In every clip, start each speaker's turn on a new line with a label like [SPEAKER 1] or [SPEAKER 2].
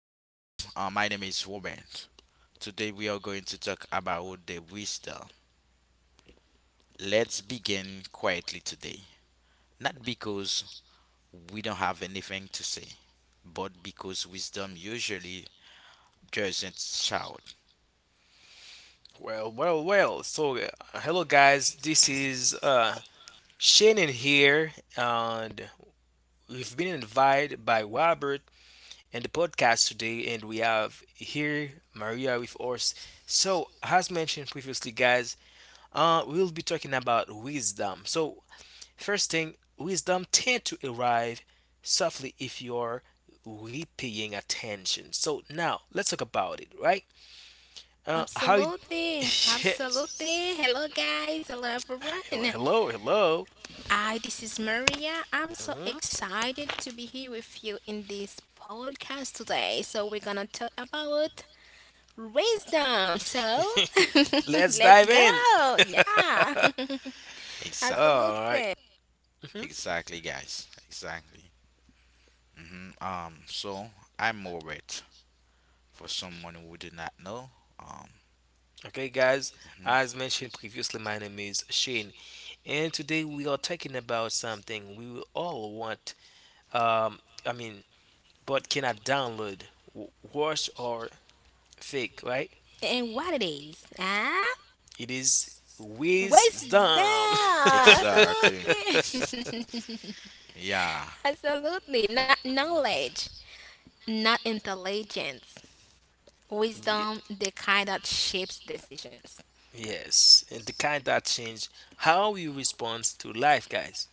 [SPEAKER 1] My name is Warren. Today we are going to talk about the wisdom. Let's begin quietly today. Not because we don't have anything to say, but because wisdom usually doesn't shout.
[SPEAKER 2] Well, well, well. Hello guys. This is Shannon here, and we've been invited by Robert in the podcast today, and we have here Maria with us. So, as mentioned previously, guys, we'll be talking about wisdom. So, first thing, wisdom tend to arrive softly if you're really paying attention. So now let's talk about it, right? Uh, how? It,
[SPEAKER 3] Absolutely,
[SPEAKER 2] Yes.
[SPEAKER 3] absolutely. Hello, guys. Hello, everyone.
[SPEAKER 2] Hello, hello, hello.
[SPEAKER 3] This is Maria. I'm so excited to be here with you in this podcast today. So, we're gonna talk about wisdom. So,
[SPEAKER 2] Mhm. Let's
[SPEAKER 3] let's
[SPEAKER 2] dive in.
[SPEAKER 3] go. Yeah,
[SPEAKER 1] Exa-
[SPEAKER 2] All right.
[SPEAKER 3] absolutely.
[SPEAKER 2] Mhm.
[SPEAKER 1] exactly, guys. Exactly. So I'm Warren. For someone who do not know. Um.
[SPEAKER 2] Okay, guys.
[SPEAKER 1] Mhm.
[SPEAKER 2] As mentioned previously, my name is Shane, and today we are talking about something we will all want. Um, I mean, but cannot download, wash or fake, right?
[SPEAKER 3] And what it is, huh?
[SPEAKER 2] It is
[SPEAKER 3] Wisdom.
[SPEAKER 2] wisdom.
[SPEAKER 1] Exactly.
[SPEAKER 3] Absolutely.
[SPEAKER 1] Exa- yeah.
[SPEAKER 3] Absolutely. Not knowledge, not intelligence.
[SPEAKER 2] Ye-
[SPEAKER 3] Wisdom, the kind that shapes decisions.
[SPEAKER 2] Yes, and the kind that change how you respond to life, guys.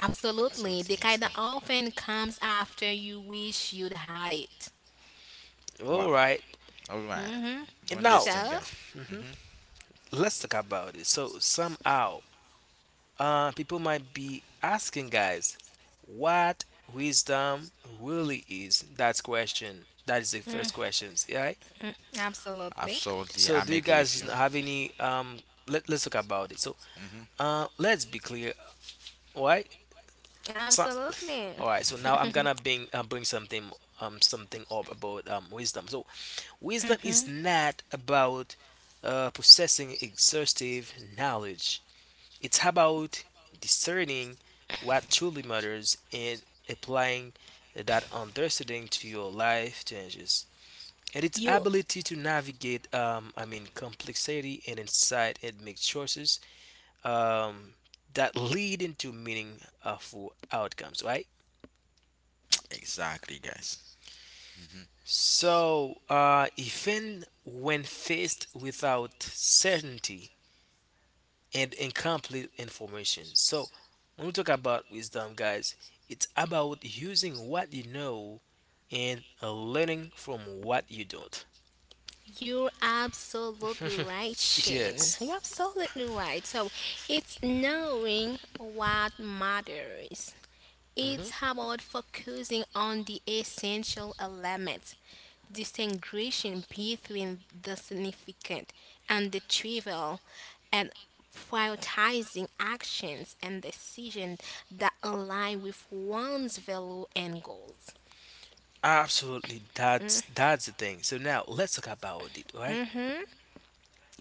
[SPEAKER 3] Absolutely, the
[SPEAKER 1] Absolutely.
[SPEAKER 3] kind that
[SPEAKER 1] Exactly.
[SPEAKER 3] often comes after you wish you'd had it.
[SPEAKER 2] All
[SPEAKER 1] Wow.
[SPEAKER 2] right,
[SPEAKER 1] All right.
[SPEAKER 3] hmm
[SPEAKER 1] Do
[SPEAKER 2] and now
[SPEAKER 1] understand,
[SPEAKER 3] so
[SPEAKER 1] guy. Mm-hmm.
[SPEAKER 2] let's talk about it. So somehow, people might be asking, guys, what wisdom really is. That's question. That is the first questions, right?
[SPEAKER 3] absolutely,
[SPEAKER 1] Absolutely.
[SPEAKER 2] So
[SPEAKER 1] I'm
[SPEAKER 2] do you
[SPEAKER 1] agree with
[SPEAKER 2] guys
[SPEAKER 1] you.
[SPEAKER 2] have any? Let's talk about it. So
[SPEAKER 1] Mm-hmm.
[SPEAKER 2] let's be clear, right? So,
[SPEAKER 3] absolutely.
[SPEAKER 2] all right. So now I'm gonna bring something up about wisdom. So wisdom is not about possessing exhaustive knowledge. It's about discerning what truly matters and applying that understanding to your life changes. And its
[SPEAKER 3] you
[SPEAKER 2] ability to navigate, complexity and insight and make choices um, that lead into meaningful outcomes, right?
[SPEAKER 1] Exactly, guys. Mm-hmm.
[SPEAKER 2] So, even when faced without certainty and incomplete information. So, when we talk about wisdom, guys, it's about using what you know and learning from what you don't.
[SPEAKER 3] you're absolutely right, Shane.
[SPEAKER 2] Yes.
[SPEAKER 3] You're absolutely right. So, it's knowing what matters. It's
[SPEAKER 2] hmm
[SPEAKER 3] about focusing on the essential elements, distinguishing between the significant and the trivial, and prioritizing actions and decisions that align with one's value and goals.
[SPEAKER 2] Absolutely. That's the thing. So now let's talk about it, right?
[SPEAKER 3] hmm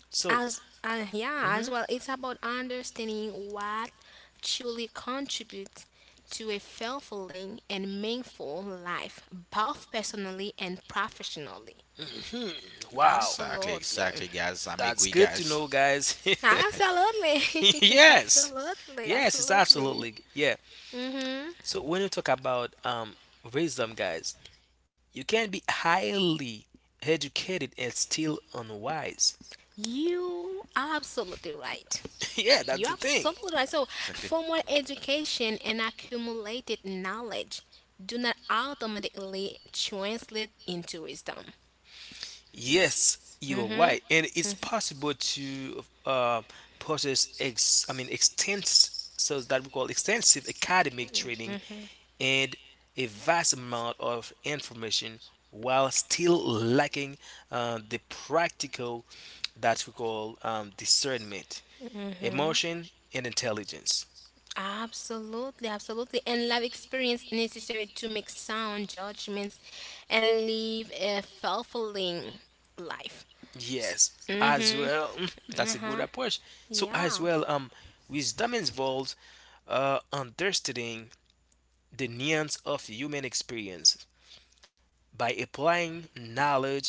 [SPEAKER 2] So,
[SPEAKER 3] As yeah, as
[SPEAKER 2] mhm.
[SPEAKER 3] well, it's about understanding what truly contributes to a fulfilling and meaningful life, both personally and professionally.
[SPEAKER 2] Mhm. Wow,
[SPEAKER 1] Exactly,
[SPEAKER 3] Absolutely.
[SPEAKER 1] exactly, guys. I'm
[SPEAKER 2] that's
[SPEAKER 1] agree,
[SPEAKER 2] good to
[SPEAKER 1] guys.
[SPEAKER 2] know, guys.
[SPEAKER 3] Absolutely.
[SPEAKER 2] Yes.
[SPEAKER 3] Absolutely.
[SPEAKER 2] Yes, it's
[SPEAKER 3] Absolutely.
[SPEAKER 2] absolutely yeah.
[SPEAKER 3] Mm-hmm.
[SPEAKER 2] So when you talk about wisdom, guys, you can be highly educated and still unwise.
[SPEAKER 3] You absolutely right.
[SPEAKER 2] Yeah,
[SPEAKER 3] You're
[SPEAKER 2] that's the thing.
[SPEAKER 3] absolutely right. So,
[SPEAKER 1] Exactly.
[SPEAKER 3] formal education and accumulated knowledge do not automatically translate into wisdom.
[SPEAKER 2] Yes, you're
[SPEAKER 3] Mm-hmm.
[SPEAKER 2] right, and it's possible to possess ex I mean extensive so that we call extensive academic training and a vast amount of information while still lacking the practical that we call discernment, emotion, and intelligence.
[SPEAKER 3] Absolutely, absolutely. And life experience necessary to make sound judgments and live a fulfilling life.
[SPEAKER 2] Yes, as
[SPEAKER 3] Mm-hmm.
[SPEAKER 2] well. That's a good
[SPEAKER 3] Uh-huh.
[SPEAKER 2] approach. So as
[SPEAKER 3] Yeah,
[SPEAKER 2] well, wisdom involves understanding the nuance of human experience by applying knowledge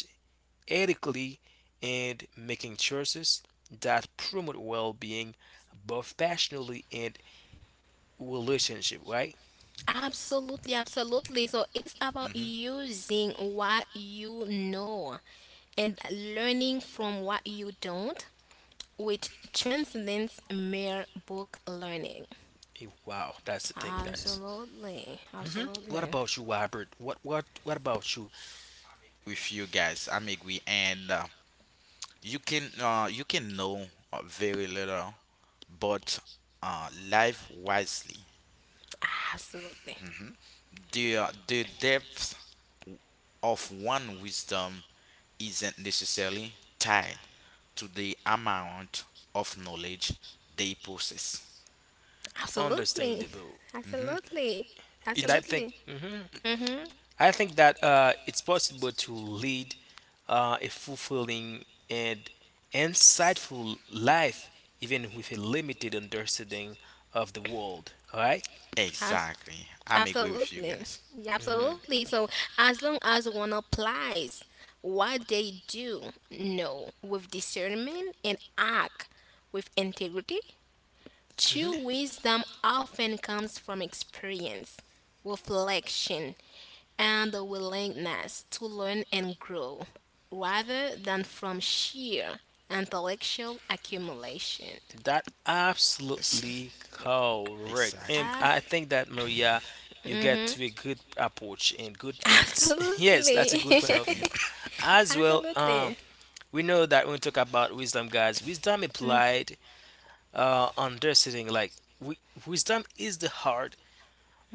[SPEAKER 2] ethically and making choices that promote well-being both passionately and relationship. Right?
[SPEAKER 3] absolutely, absolutely. So, it is about
[SPEAKER 1] Mm-hmm.
[SPEAKER 3] using what you know and learning from what you don't, which transcends mere book learning.
[SPEAKER 2] Wow, that's the thing, guys.
[SPEAKER 3] Absolutely,
[SPEAKER 2] Hmm What
[SPEAKER 3] absolutely,
[SPEAKER 2] about you, Robert? What about you?
[SPEAKER 1] With you guys, I'm agree, and you can know very little, but live wisely.
[SPEAKER 3] absolutely,
[SPEAKER 1] The depth of one wisdom isn't necessarily tied to the amount of knowledge they possess.
[SPEAKER 3] absolutely,
[SPEAKER 2] Understandable.
[SPEAKER 3] absolutely,
[SPEAKER 2] And
[SPEAKER 1] It's
[SPEAKER 2] I think.
[SPEAKER 3] absolutely.
[SPEAKER 2] Mhm.
[SPEAKER 3] Mm-hmm.
[SPEAKER 2] I think that it's possible to lead a fulfilling and insightful life even with a limited understanding of the world. All right?
[SPEAKER 1] exactly. I'm agree with you
[SPEAKER 3] Absolutely.
[SPEAKER 1] guys.
[SPEAKER 3] Yeah,
[SPEAKER 2] Mhm.
[SPEAKER 3] absolutely. So, as long as one applies what they do know with discernment and act with integrity, true
[SPEAKER 2] mhm.
[SPEAKER 3] wisdom often comes from experience, reflection, and the willingness to learn and grow rather than from sheer intellectual accumulation.
[SPEAKER 2] That
[SPEAKER 1] Yes,
[SPEAKER 2] absolutely correct.
[SPEAKER 1] exactly.
[SPEAKER 2] And
[SPEAKER 3] Ah,
[SPEAKER 2] I think that Maria, you get to a good approach and good points. Yes, that's
[SPEAKER 3] absolutely.
[SPEAKER 2] a good point of
[SPEAKER 1] Exactly.
[SPEAKER 2] view. As well,
[SPEAKER 3] Absolutely.
[SPEAKER 2] we know that when we talk about wisdom, guys, wisdom applied uh, understanding like wi- wisdom is the heart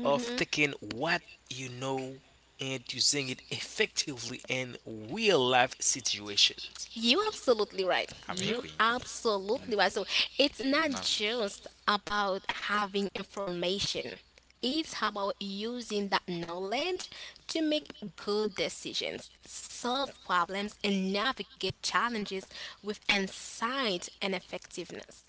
[SPEAKER 2] of taking what you know and using it effectively in real life situations.
[SPEAKER 3] You absolutely right.
[SPEAKER 1] I'm
[SPEAKER 2] Mhm.
[SPEAKER 3] You
[SPEAKER 1] agree. Mm.
[SPEAKER 3] absolutely right. So, it's not
[SPEAKER 1] No,
[SPEAKER 3] just about having information. It's about using that knowledge to make good decisions, solve problems, and navigate challenges with insight and effectiveness.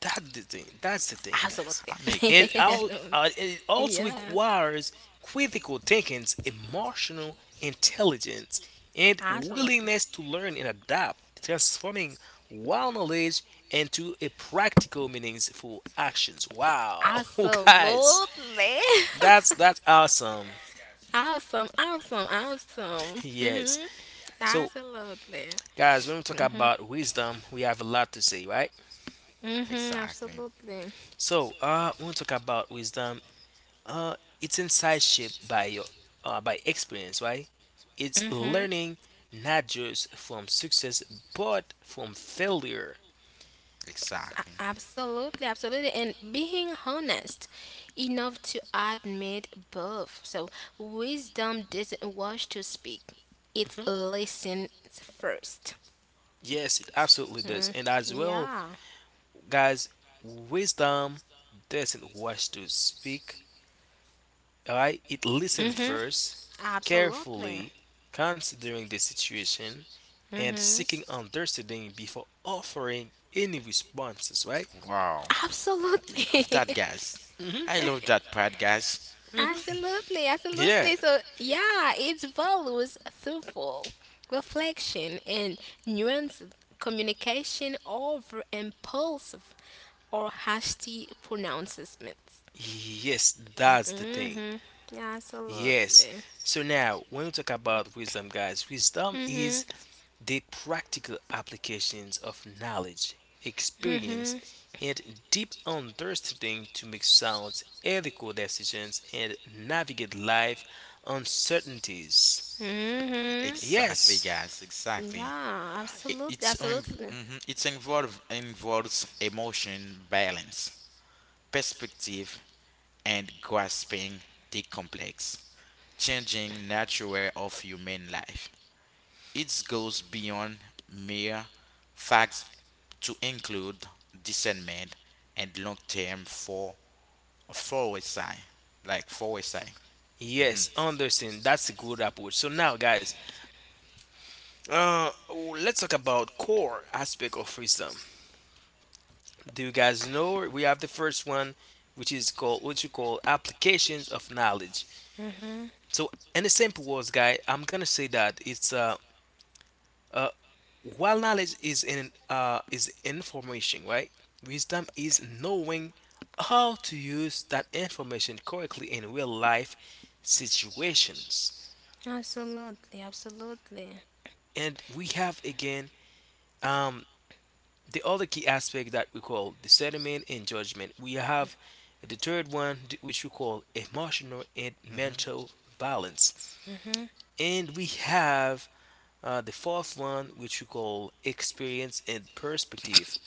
[SPEAKER 2] That's the thing,
[SPEAKER 1] I'm,
[SPEAKER 2] guys.
[SPEAKER 3] Absolutely.
[SPEAKER 1] I'm
[SPEAKER 2] And
[SPEAKER 1] agree, guys.
[SPEAKER 2] it also
[SPEAKER 3] Yeah,
[SPEAKER 2] requires critical thinking, emotional intelligence, and
[SPEAKER 3] absolutely.
[SPEAKER 2] willingness to learn and adapt, transforming wild knowledge into a practical, meaningful actions. Wow, guys,
[SPEAKER 3] Absolutely.
[SPEAKER 2] that's that's awesome.
[SPEAKER 3] Awesome, awesome, awesome. Mhm.
[SPEAKER 2] Yes. So,
[SPEAKER 3] Absolutely.
[SPEAKER 2] guys, when we talk about wisdom, we have a lot to say, right?
[SPEAKER 3] Mm-hmm,
[SPEAKER 1] Exactly.
[SPEAKER 3] absolutely.
[SPEAKER 2] So, when we talk about wisdom, uh, it's inside shaped by your by experience, right? It's
[SPEAKER 3] Mm-hmm.
[SPEAKER 2] learning not just from success but from failure.
[SPEAKER 1] Exactly.
[SPEAKER 3] Absolutely, absolutely. And being honest enough to admit both. So, wisdom doesn't rush to speak. It listens first.
[SPEAKER 2] Yes, it absolutely does.
[SPEAKER 3] Mm,
[SPEAKER 2] And as well,
[SPEAKER 3] yeah.
[SPEAKER 2] guys, wisdom doesn't rush to speak. Alright, it listens
[SPEAKER 3] Mm-hmm.
[SPEAKER 2] first,
[SPEAKER 3] Absolutely.
[SPEAKER 2] carefully considering the situation and
[SPEAKER 3] Mm-hmm.
[SPEAKER 2] seeking understanding before offering any responses. Right?
[SPEAKER 1] Wow. I love that,
[SPEAKER 3] Absolutely.
[SPEAKER 1] guys.
[SPEAKER 2] hmm
[SPEAKER 1] I love that part, guys.
[SPEAKER 2] hmm
[SPEAKER 3] Absolutely,
[SPEAKER 2] Yeah.
[SPEAKER 3] absolutely. So, yeah, it values thoughtful reflection and nuanced communication over impulsive or hasty pronouncements.
[SPEAKER 2] Yes, that's the thing.
[SPEAKER 3] Yeah,
[SPEAKER 2] Yes.
[SPEAKER 3] absolutely.
[SPEAKER 2] So now, when we talk about wisdom, guys, wisdom is
[SPEAKER 3] Mhm.
[SPEAKER 2] the practical applications of knowledge, experience, and deep understanding to make sound, ethical decisions and navigate life uncertainties.
[SPEAKER 3] Mhm.
[SPEAKER 1] Exactly,
[SPEAKER 2] Yes.
[SPEAKER 1] guys. Exactly.
[SPEAKER 3] Yeah,
[SPEAKER 1] I-
[SPEAKER 3] absolutely,
[SPEAKER 1] It's inv-
[SPEAKER 3] absolutely,
[SPEAKER 1] mhm, it's involve involves emotion balance, perspective, and grasping the complex, changing nature of human life. It goes beyond mere facts to include discernment and long-term foresight, like foresight. Mhm.
[SPEAKER 2] Yes, understand. That's a good approach. So now, guys, let's talk about core aspect of wisdom. Do you guys know we have the first one, which is called what you call applications of knowledge. So in the simple words guy, I'm gonna say that it's uh while knowledge is in is information, right, wisdom is knowing how to use that information correctly in real life situations.
[SPEAKER 3] absolutely, absolutely.
[SPEAKER 2] And we have again um the other key aspect that we call discernment and judgment. We have the third one which we call emotional and
[SPEAKER 1] Mhm.
[SPEAKER 2] mental balance.
[SPEAKER 3] Mhm.
[SPEAKER 2] And we have the fourth one which we call experience and perspective.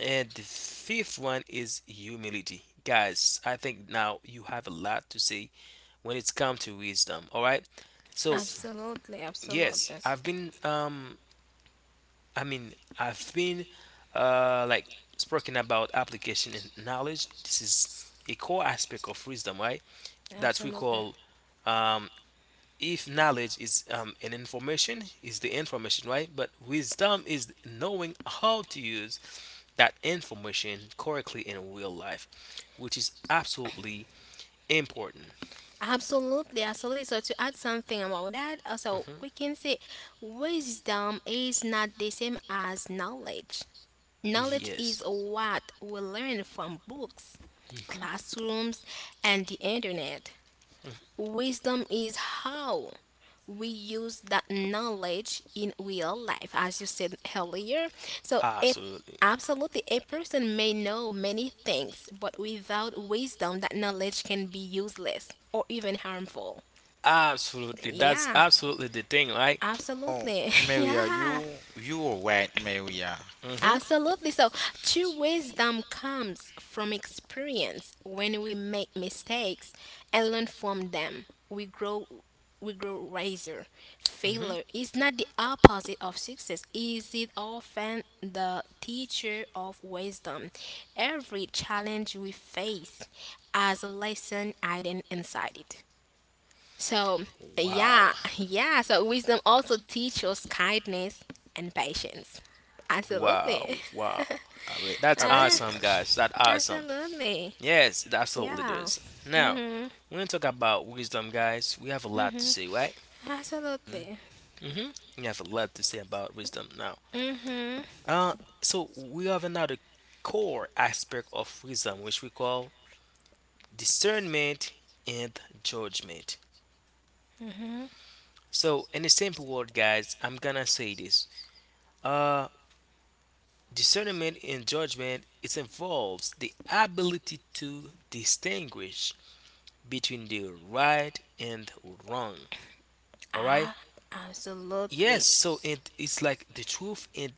[SPEAKER 2] And the fifth one is humility. Guys, I think now you have a lot to say when it's come to wisdom. All right, so
[SPEAKER 1] So-
[SPEAKER 3] Absolutely,
[SPEAKER 2] yes,
[SPEAKER 3] absolutely,
[SPEAKER 2] I've been I mean, I've been like speaking about application and knowledge. This is a core aspect of wisdom, right? That we
[SPEAKER 3] absolutely.
[SPEAKER 2] call um, if knowledge is the information, right? But wisdom is knowing how to use that information correctly in real life, which is absolutely important.
[SPEAKER 3] Absolutely, absolutely. So, to add something about that, also we can say wisdom is not the same as knowledge. Knowledge is
[SPEAKER 2] Yes.
[SPEAKER 3] what we learn from books, classrooms, and the internet. Wisdom is how we use that knowledge in real life, as you said earlier. So if
[SPEAKER 2] Absolutely.
[SPEAKER 3] Absolutely. A person may know many things, but without wisdom, that knowledge can be useless or even harmful.
[SPEAKER 2] Absolutely. That's
[SPEAKER 3] Yeah,
[SPEAKER 2] absolutely the thing, right?
[SPEAKER 1] Oh,
[SPEAKER 3] absolutely.
[SPEAKER 1] Maria,
[SPEAKER 3] Yeah,
[SPEAKER 1] you are right, Maria.
[SPEAKER 2] Mhm.
[SPEAKER 3] absolutely. So, true wisdom comes from experience. When we make mistakes and learn from them, we grow wiser.
[SPEAKER 2] hmm
[SPEAKER 3] Failure is not the opposite of success. Is it often the teacher of wisdom? Every challenge we face has a lesson hidden inside it. So,
[SPEAKER 2] Wow.
[SPEAKER 3] yeah, yeah. So, wisdom also teaches us kindness and patience.
[SPEAKER 2] Wow.
[SPEAKER 3] Absolutely.
[SPEAKER 2] Wow.
[SPEAKER 1] I wait,
[SPEAKER 2] That's
[SPEAKER 1] I make
[SPEAKER 3] Uh,
[SPEAKER 1] quick
[SPEAKER 2] awesome,
[SPEAKER 1] guys.
[SPEAKER 2] guys. That's awesome.
[SPEAKER 3] absolutely.
[SPEAKER 2] Yes, it absolutely
[SPEAKER 3] Yeah.
[SPEAKER 2] does. Now,
[SPEAKER 3] Mm-hmm.
[SPEAKER 2] when we talk about wisdom, guys, we have a lot to
[SPEAKER 3] Mm-hmm.
[SPEAKER 2] say, right?
[SPEAKER 1] Mhm.
[SPEAKER 3] Absolutely.
[SPEAKER 2] Mm-hmm. We have a lot to say about wisdom now.
[SPEAKER 3] Mm-hmm.
[SPEAKER 2] Uh, so we have another core aspect of wisdom, which we call discernment and judgment. So, in a simple word, guys, I'm gonna say this. Uh, Discernment in judgment, it involves the ability to distinguish between the right and wrong. All right.
[SPEAKER 3] Ah, absolutely.
[SPEAKER 2] Yes. So it, it's like the truth and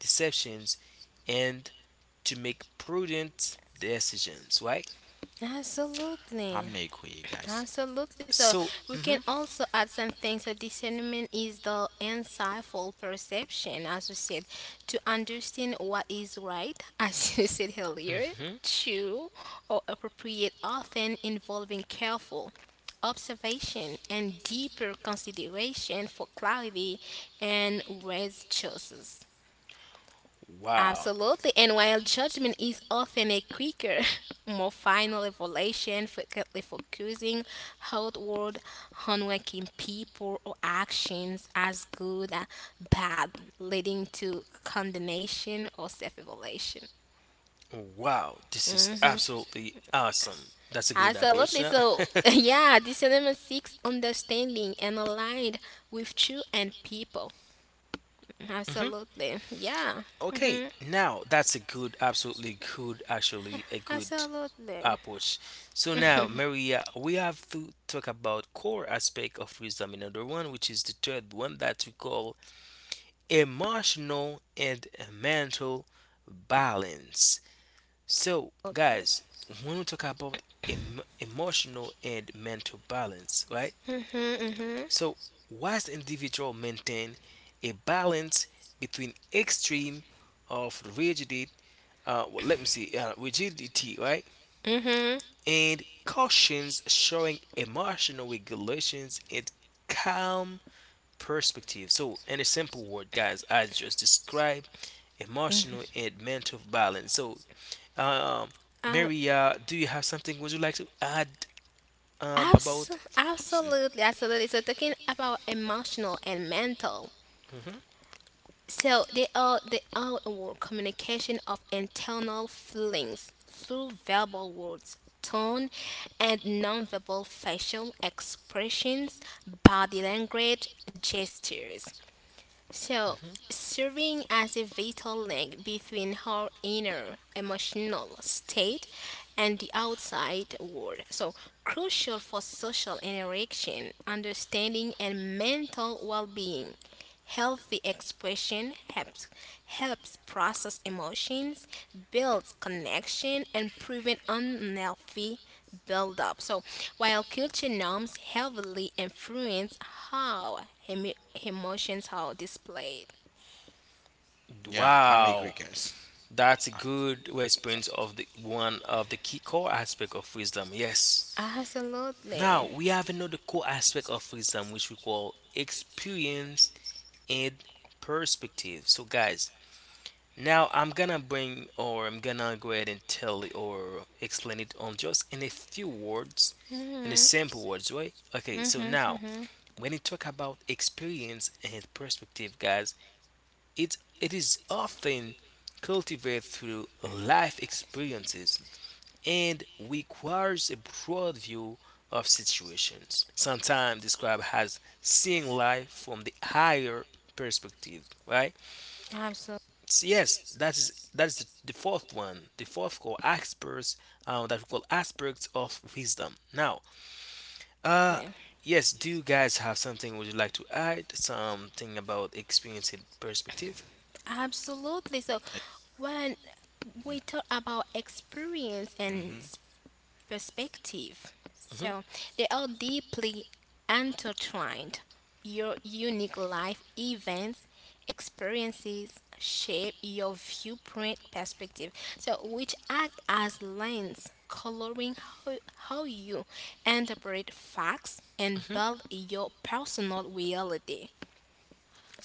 [SPEAKER 2] deceptions, and to make prudent decisions. Right.
[SPEAKER 1] I
[SPEAKER 3] Absolutely.
[SPEAKER 1] make quick guys.
[SPEAKER 3] Absolutely. So,
[SPEAKER 2] So.
[SPEAKER 3] we can
[SPEAKER 2] Hmm
[SPEAKER 3] also add some things. So, discernment is the insightful perception, as we said, to understand what is right, as you said earlier,
[SPEAKER 2] hmm
[SPEAKER 3] true or appropriate, often involving careful observation and deeper consideration for clarity and wise choices.
[SPEAKER 2] Wow.
[SPEAKER 3] Absolutely. And while judgment is often a quicker, more final revelation, frequently focusing outward on working people or actions as good or bad, leading to condemnation or self revelation.
[SPEAKER 2] Wow, this is
[SPEAKER 3] Hmm.
[SPEAKER 2] absolutely awesome. That's a good approach
[SPEAKER 3] Absolutely.
[SPEAKER 2] now.
[SPEAKER 3] So, yeah, this element seeks understanding and aligned with you and people.
[SPEAKER 2] Mhm.
[SPEAKER 3] Absolutely. Yeah.
[SPEAKER 2] Okay,
[SPEAKER 3] Hmm.
[SPEAKER 2] now that's a good, absolutely good, actually a good
[SPEAKER 3] Absolutely.
[SPEAKER 2] approach. So now, Maria, we have to talk about core aspect of wisdom. Another one, which is the third one that we call emotional and mental balance. So, guys, when we talk about emotional and mental balance, right?
[SPEAKER 3] hmm hmm
[SPEAKER 2] So, whilst individual maintain a balance between extreme of rigidity, rigidity, right,
[SPEAKER 3] hmm
[SPEAKER 2] and cautions showing emotional regulations and calm perspective. So, in a simple word, guys, I just described emotional and mental balance. So, um,
[SPEAKER 3] Uh,
[SPEAKER 2] Mary, do you have something? Would you like to add
[SPEAKER 3] abs-
[SPEAKER 2] about?
[SPEAKER 1] See?
[SPEAKER 3] Absolutely, absolutely. So, talking about emotional and mental.
[SPEAKER 2] Mhm.
[SPEAKER 3] So, they are our communication of internal feelings through verbal words, tone, and nonverbal facial expressions, body language, gestures. So, serving as a vital link between her inner emotional state and the outside world. So, crucial for social interaction, understanding, and mental well being. Healthy expression helps process emotions, builds connection, and prevent unhealthy buildup. So, while culture norms heavily influence how emotions are displayed.
[SPEAKER 1] Yeah, I make
[SPEAKER 2] Wow.
[SPEAKER 1] quick guys.
[SPEAKER 2] That's a good response of the one of the key core aspect of wisdom. Yes. Now
[SPEAKER 3] Absolutely.
[SPEAKER 2] we have another core aspect of wisdom which we call experience and perspective. So guys, now I'm gonna bring or I'm gonna go ahead and tell it or explain it on just in a few words, in a
[SPEAKER 3] Mhm.
[SPEAKER 2] simple words, right? Okay, so
[SPEAKER 3] Mhm.
[SPEAKER 2] now when you talk about experience and perspective, guys, it is often cultivated through life experiences and requires a broad view of situations, sometimes described as seeing life from the higher perspective, right?
[SPEAKER 3] Absolutely.
[SPEAKER 2] So yes, that is the fourth one, the fourth called aspects that we call aspects of wisdom. Now, uh, yes, do you guys have something, would you like to add? Something about experiencing perspective?
[SPEAKER 3] Absolutely. So, when
[SPEAKER 1] Mm-hmm.
[SPEAKER 3] we talk about experience and
[SPEAKER 1] Mm-hmm.
[SPEAKER 3] perspective.
[SPEAKER 2] Hmm
[SPEAKER 3] So, they are deeply intertwined. Your unique life events, experiences shape your viewpoint perspective. So, which act as lens coloring how, how you interpret facts and build your personal reality.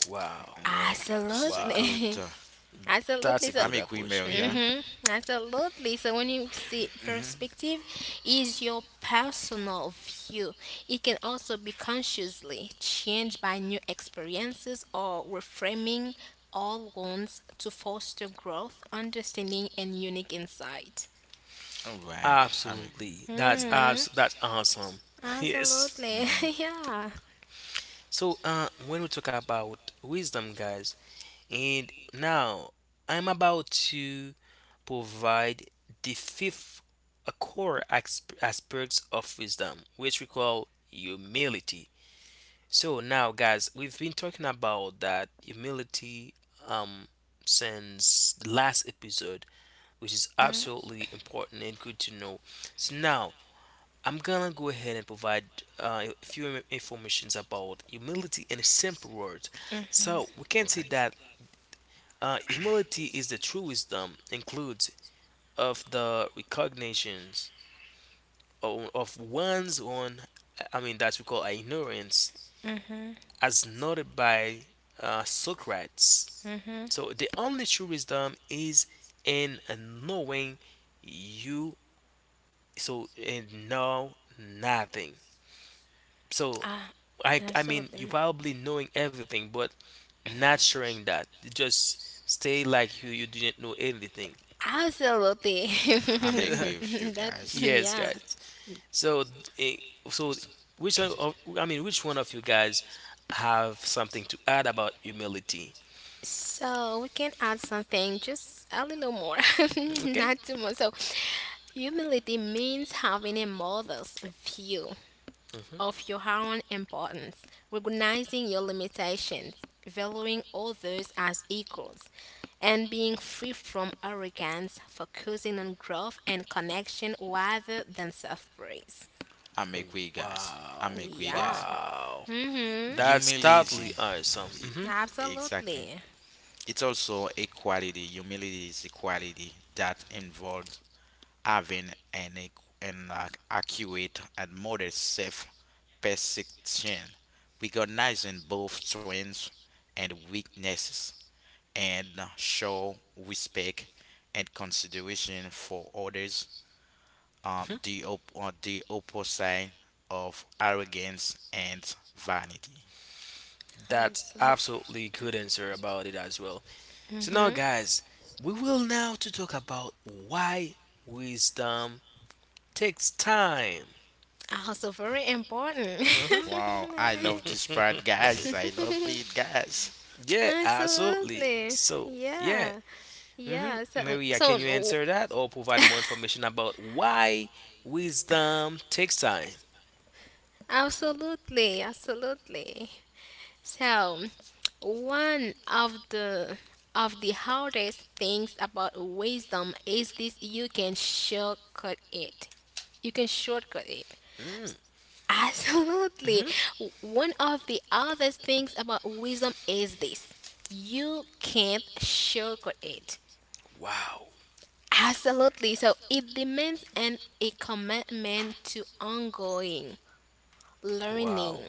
[SPEAKER 2] Wow,
[SPEAKER 1] Whoa, this is a
[SPEAKER 2] wow,
[SPEAKER 1] good.
[SPEAKER 3] Absolutely.
[SPEAKER 2] that's
[SPEAKER 3] Absolutely.
[SPEAKER 2] a
[SPEAKER 1] I
[SPEAKER 2] good
[SPEAKER 1] make quick
[SPEAKER 2] approach.
[SPEAKER 1] mail, yeah.
[SPEAKER 3] Mm-hmm. Absolutely. So, when you see
[SPEAKER 1] Mm-hmm.
[SPEAKER 3] perspective is your personal view. It can also be consciously changed by new experiences or reframing all wounds to foster growth, understanding and unique insight.
[SPEAKER 1] All right, I make quick.
[SPEAKER 2] Absolutely.
[SPEAKER 1] Mm-hmm.
[SPEAKER 3] Mm-hmm.
[SPEAKER 2] That's awesome. Yes.
[SPEAKER 3] Absolutely.
[SPEAKER 1] Mm-hmm.
[SPEAKER 3] Yeah.
[SPEAKER 2] So when we talk about wisdom guys and now I'm about to provide the fifth uh, aspects of wisdom which we call humility. So now guys we've been talking about that humility um since the last episode which is
[SPEAKER 3] Mm-hmm.
[SPEAKER 2] absolutely important and good to know. So now I'm gonna go ahead and provide uh, a few informations about humility in simple words. So we
[SPEAKER 1] All
[SPEAKER 2] can say
[SPEAKER 1] right,
[SPEAKER 2] that humility is the true wisdom includes of the recognitions of one's own, I mean that we call ignorance, as noted by Socrates.
[SPEAKER 3] Mm-hmm.
[SPEAKER 2] So the only true wisdom is in knowing you. So and know nothing. So
[SPEAKER 3] Ah,
[SPEAKER 2] I mean you
[SPEAKER 3] absolutely.
[SPEAKER 2] probably knowing everything but not sharing that. You just stay like you didn't know anything.
[SPEAKER 3] Absolutely.
[SPEAKER 1] I make way with you
[SPEAKER 3] That's
[SPEAKER 1] guys.
[SPEAKER 2] Yes,
[SPEAKER 3] yeah.
[SPEAKER 2] guys. So eh, so
[SPEAKER 1] Listen,
[SPEAKER 2] which one of, I mean which one of you guys have something to add about humility?
[SPEAKER 3] So, we can add something, just a little more,
[SPEAKER 2] Okay?
[SPEAKER 3] not too much. So, humility means having a mother's view
[SPEAKER 2] Mhm.
[SPEAKER 3] of your own importance, recognizing your limitations, valuing others as equals, and being free from arrogance, focusing on growth and connection rather than self praise.
[SPEAKER 1] I
[SPEAKER 2] Oh,
[SPEAKER 1] make way, guys. I
[SPEAKER 2] wow.
[SPEAKER 1] make way,
[SPEAKER 3] Yeah.
[SPEAKER 1] guys.
[SPEAKER 2] Wow.
[SPEAKER 3] Mm-hmm.
[SPEAKER 2] That's
[SPEAKER 1] Humility,
[SPEAKER 2] totally awesome.
[SPEAKER 1] e-
[SPEAKER 2] Hmm
[SPEAKER 1] exactly.
[SPEAKER 3] Absolutely.
[SPEAKER 1] It's also a quality. Humility is a quality that involves having an ac- an accurate and modest self perception, recognizing both strengths and weaknesses, and show respect and consideration for others, the opposite of arrogance and vanity.
[SPEAKER 2] That's
[SPEAKER 3] Absolutely.
[SPEAKER 2] absolutely good answer about it as well. So now, guys, we will now to talk about why wisdom takes time.
[SPEAKER 3] Also very important.
[SPEAKER 2] Mhm.
[SPEAKER 1] Wow, I love this part, guys. I love it, guys.
[SPEAKER 2] Yeah, absolutely.
[SPEAKER 3] Absolutely.
[SPEAKER 2] So yeah,
[SPEAKER 3] Yeah.
[SPEAKER 2] hmm
[SPEAKER 3] Yeah. So,
[SPEAKER 2] Maria,
[SPEAKER 3] so
[SPEAKER 2] can you
[SPEAKER 3] w-
[SPEAKER 2] answer that or provide more information about why wisdom takes time?
[SPEAKER 3] absolutely, absolutely. So, one of the hardest things about wisdom is this, you can shortcut it. You can shortcut it.
[SPEAKER 2] Mm.
[SPEAKER 3] Absolutely.
[SPEAKER 2] hmm
[SPEAKER 3] One of the other things about wisdom is this. You can't shortcut it.
[SPEAKER 2] Wow,
[SPEAKER 3] Absolutely. So, it demands an a commitment to ongoing learning,
[SPEAKER 2] wow,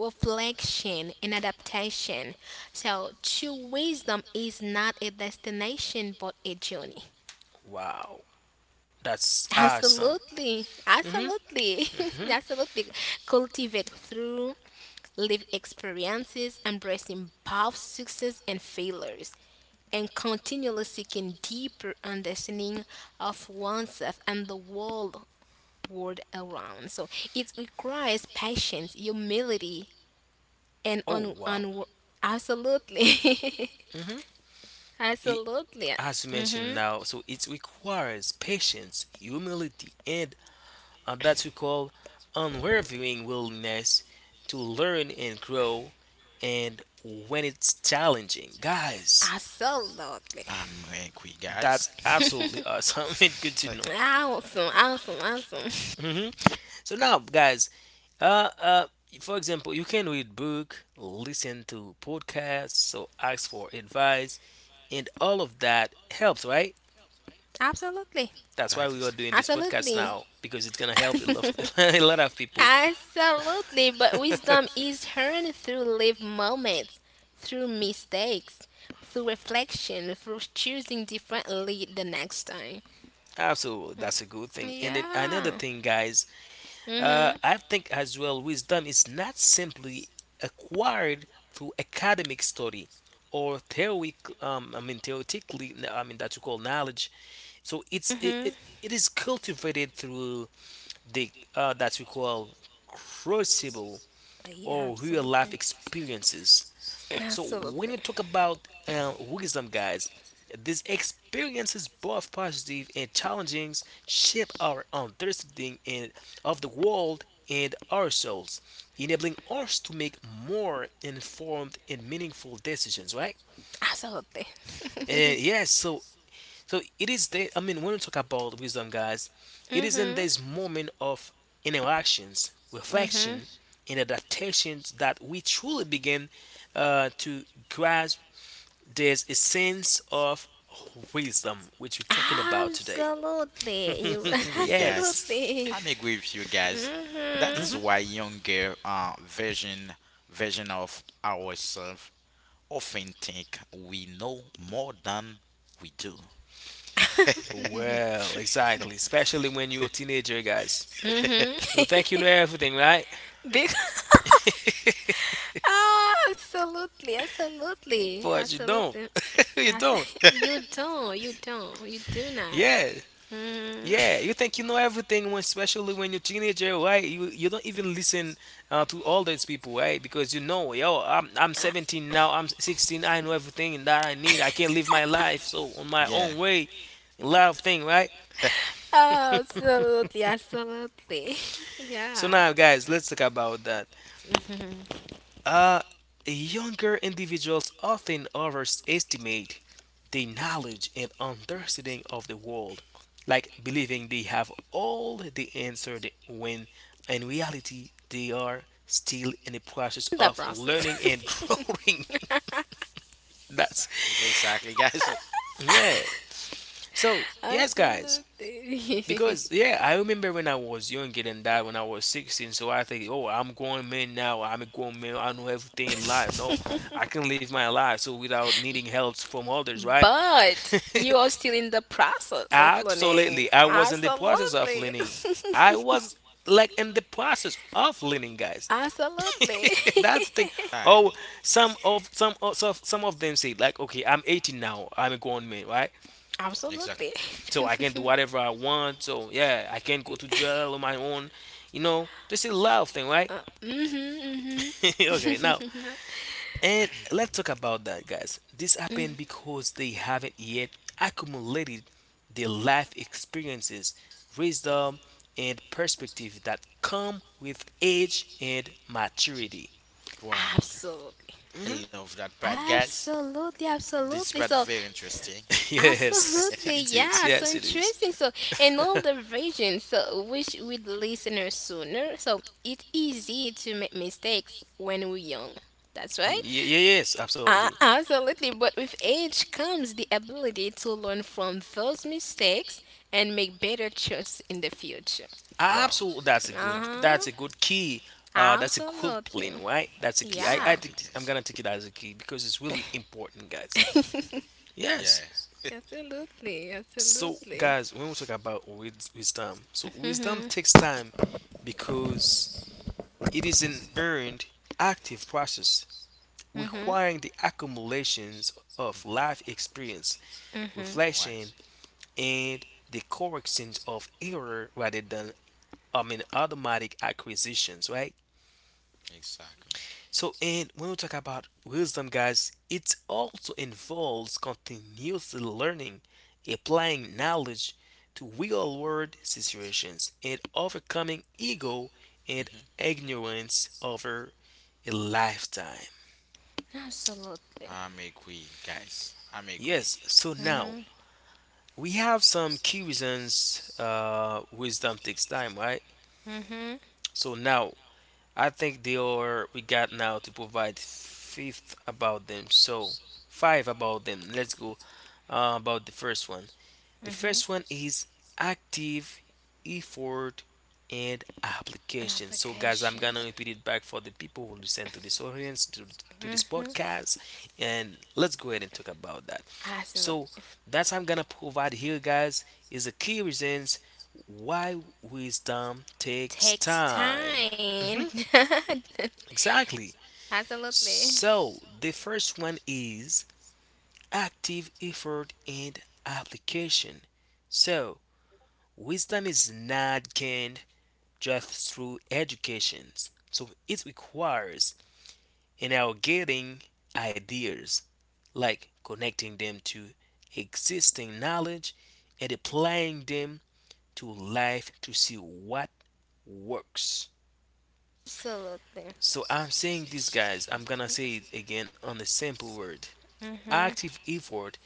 [SPEAKER 3] reflection, and adaptation. So, true wisdom is not a destination but a journey.
[SPEAKER 2] wow. That's awesome.
[SPEAKER 3] Absolutely.
[SPEAKER 2] Hmm
[SPEAKER 3] Absolutely.
[SPEAKER 2] hmm
[SPEAKER 3] Absolutely. Cultivate through live experiences, embracing both success and failures, and continually seeking deeper understanding of oneself and the world around. So, it requires patience, humility, and
[SPEAKER 2] Oh wow.
[SPEAKER 3] absolutely,
[SPEAKER 2] hmm
[SPEAKER 3] absolutely.
[SPEAKER 2] As you mentioned
[SPEAKER 3] Mm-hmm.
[SPEAKER 2] now, so it requires patience, humility, and that we call unwavering willingness to learn and grow. And when it's challenging, guys,
[SPEAKER 3] Absolutely.
[SPEAKER 1] I'm angry, guys.
[SPEAKER 2] that's absolutely awesome and good to know.
[SPEAKER 3] Awesome. Awesome. Awesome.
[SPEAKER 2] Hmm So now, guys, uh, uh, for example, you can read book, listen to podcasts, so ask for advice, and all of that helps, right?
[SPEAKER 3] Absolutely.
[SPEAKER 2] That's why we are
[SPEAKER 1] Exactly.
[SPEAKER 2] doing this podcast
[SPEAKER 3] Absolutely.
[SPEAKER 2] now because it's gonna help a lot, a lot of people.
[SPEAKER 3] Absolutely. But wisdom is earned through live moments, through mistakes, through reflection, through choosing differently the next time.
[SPEAKER 2] Absolutely, that's a good thing. And then another
[SPEAKER 3] Yeah.
[SPEAKER 2] thing, guys,
[SPEAKER 3] Mm-hmm.
[SPEAKER 2] I think as well, wisdom is not simply acquired through academic study or theory. I mean, theoretically, I mean that you call knowledge. So it's it, it,
[SPEAKER 3] Mm-hmm.
[SPEAKER 2] it is cultivated through the that we call crucible
[SPEAKER 3] Yeah,
[SPEAKER 2] or real life
[SPEAKER 3] absolutely.
[SPEAKER 2] experiences. So when we
[SPEAKER 3] Absolutely.
[SPEAKER 2] talk about wisdom, guys, these experiences, both positive and challenging, shape our understanding and of the world and ourselves, enabling us to make more informed and meaningful decisions, right?
[SPEAKER 3] Absolutely.
[SPEAKER 2] And yes, so it is. I mean, when we talk about wisdom, guys, it is in
[SPEAKER 3] Mhm.
[SPEAKER 2] this moment of interactions,
[SPEAKER 3] Mhm.
[SPEAKER 2] reflection, and adaptations that we truly begin to grasp there's a sense of wisdom which we're talking about today.
[SPEAKER 3] Absolutely. You are
[SPEAKER 1] Agree,
[SPEAKER 2] Yes.
[SPEAKER 1] guys.
[SPEAKER 3] absolutely.
[SPEAKER 1] I'm agree with you guys. That
[SPEAKER 3] Mhm.
[SPEAKER 1] is why younger version of ourselves often think we know more than we do.
[SPEAKER 2] Well, exactly. Especially when you're a teenager, guys.
[SPEAKER 3] Mhm.
[SPEAKER 2] You think you know everything, right?
[SPEAKER 3] Big. Oh, absolutely. Absolutely.
[SPEAKER 2] But you don't.
[SPEAKER 3] Absolutely.
[SPEAKER 2] You
[SPEAKER 3] Ah,
[SPEAKER 2] don't.
[SPEAKER 3] you don't. You don't. You do not.
[SPEAKER 2] Yeah.
[SPEAKER 3] Mhm.
[SPEAKER 2] Yeah, you think you know everything, when, especially when you're a teenager, right? You don't even listen to all these people, right? Because you know, yo, I'm 17 now, I'm 16, I know everything that I need. I can live my life so on my
[SPEAKER 1] Yeah,
[SPEAKER 2] own way, a lot of things, right?
[SPEAKER 3] Absolutely. Absolutely.
[SPEAKER 2] So
[SPEAKER 3] Yeah.
[SPEAKER 2] now, guys, let's talk about that.
[SPEAKER 3] Mhm.
[SPEAKER 2] Uh, Younger individuals often overestimate their knowledge and understanding of the world, like believing they have all the when in reality they are still in the process
[SPEAKER 3] The
[SPEAKER 2] of learning
[SPEAKER 3] process.
[SPEAKER 2] and growing. That's
[SPEAKER 1] exactly, guys.
[SPEAKER 2] yeah. So yes, guys,
[SPEAKER 3] Absolutely.
[SPEAKER 2] because yeah, I remember when I was younger than that, when I was 16. So I think, oh, I'm grown man now. I'm a grown man. I know everything in life. No, I can live my life so without needing help from others, right?
[SPEAKER 3] But you are still in the process of learning.
[SPEAKER 2] Absolutely, I was in the process of
[SPEAKER 3] Absolutely.
[SPEAKER 2] learning. I was like in the process of learning, guys.
[SPEAKER 3] Absolutely.
[SPEAKER 2] That's the thing. Oh,
[SPEAKER 1] Exactly.
[SPEAKER 2] some of them say like, okay, I'm 18 now. I'm a grown man, right?
[SPEAKER 1] Exactly.
[SPEAKER 3] Absolutely.
[SPEAKER 2] So I can do whatever I want. So yeah, I can go to jail on my own. You know, this is a love thing, right?
[SPEAKER 3] hmm
[SPEAKER 2] Okay, now
[SPEAKER 3] hmm
[SPEAKER 2] and let's talk about that, guys. This happened because they haven't yet accumulated the life experiences, wisdom, and perspective that come with age and maturity.
[SPEAKER 1] Wow, guys.
[SPEAKER 3] Absolutely.
[SPEAKER 1] I
[SPEAKER 2] Hmm.
[SPEAKER 1] love that part, guys.
[SPEAKER 3] Absolutely.
[SPEAKER 1] This
[SPEAKER 3] Absolutely.
[SPEAKER 1] part
[SPEAKER 3] So,
[SPEAKER 1] very interesting.
[SPEAKER 2] Yes,
[SPEAKER 3] absolutely.
[SPEAKER 2] it is.
[SPEAKER 3] Yeah. So
[SPEAKER 2] Yes, it is.
[SPEAKER 3] interesting. So, in all the versions, so which we listeners sooner. So, it's easy to make mistakes when we're young. That's right.
[SPEAKER 2] Ye- yes, absolutely.
[SPEAKER 3] Absolutely, but with age comes the ability to learn from those mistakes and make better choices in the future.
[SPEAKER 1] Wow.
[SPEAKER 2] Absolutely, that's a
[SPEAKER 3] Uh
[SPEAKER 2] good. That's
[SPEAKER 3] huh.
[SPEAKER 2] a good key. That's a good
[SPEAKER 3] Absolutely.
[SPEAKER 2] plan, right? That's a key. I
[SPEAKER 3] Yeah.
[SPEAKER 2] think
[SPEAKER 1] Exactly,
[SPEAKER 2] I'm
[SPEAKER 1] guys.
[SPEAKER 2] gonna take it as a key because it's really important, guys.
[SPEAKER 1] Yeah.
[SPEAKER 2] Yes.
[SPEAKER 3] absolutely.
[SPEAKER 2] So,
[SPEAKER 3] Absolutely.
[SPEAKER 2] guys, when we talk about wisdom, so wisdom
[SPEAKER 3] Mhm.
[SPEAKER 2] takes time because it is an earned, active process
[SPEAKER 3] Mhm.
[SPEAKER 2] requiring the accumulations of life experience,
[SPEAKER 3] Mhm.
[SPEAKER 1] All right.
[SPEAKER 2] reflection, and the corrections of error rather than, I mean, automatic acquisitions, right?
[SPEAKER 1] Exactly.
[SPEAKER 2] So, and when we talk about wisdom, guys, it also involves continuously learning, applying knowledge to real world situations, and overcoming ego and ignorance over a lifetime.
[SPEAKER 3] Absolutely.
[SPEAKER 1] I'm agree, guys. I'm agree.
[SPEAKER 2] Yes, so
[SPEAKER 1] Mhm.
[SPEAKER 2] now
[SPEAKER 3] Mhm.
[SPEAKER 2] we have some key reasons wisdom takes time, right?
[SPEAKER 3] Mhm.
[SPEAKER 2] So now I think they are we got now to provide fifth about them. So five about them. Let's go about the first one. The first one is active effort and application. So, guys, I'm gonna
[SPEAKER 3] Applications.
[SPEAKER 2] repeat it back for the people who listen to this audience to this podcast, and let's go ahead and talk about that. So,
[SPEAKER 3] Absolutely.
[SPEAKER 2] that's I'm gonna provide here, guys, is the key reasons why wisdom takes
[SPEAKER 3] Takes
[SPEAKER 2] time.
[SPEAKER 3] time.
[SPEAKER 2] Hmm, exactly.
[SPEAKER 3] absolutely.
[SPEAKER 2] So, the first one is active effort and application. So, wisdom is not gained just through education, so it requires in our getting ideas, like connecting them to existing knowledge and applying them to life to see what works.
[SPEAKER 3] Absolutely.
[SPEAKER 2] So I'm saying this,
[SPEAKER 1] Ex-
[SPEAKER 2] guys. I'm gonna say it
[SPEAKER 1] mhm.
[SPEAKER 2] again on the simple word.
[SPEAKER 3] Mhm.
[SPEAKER 2] Active effort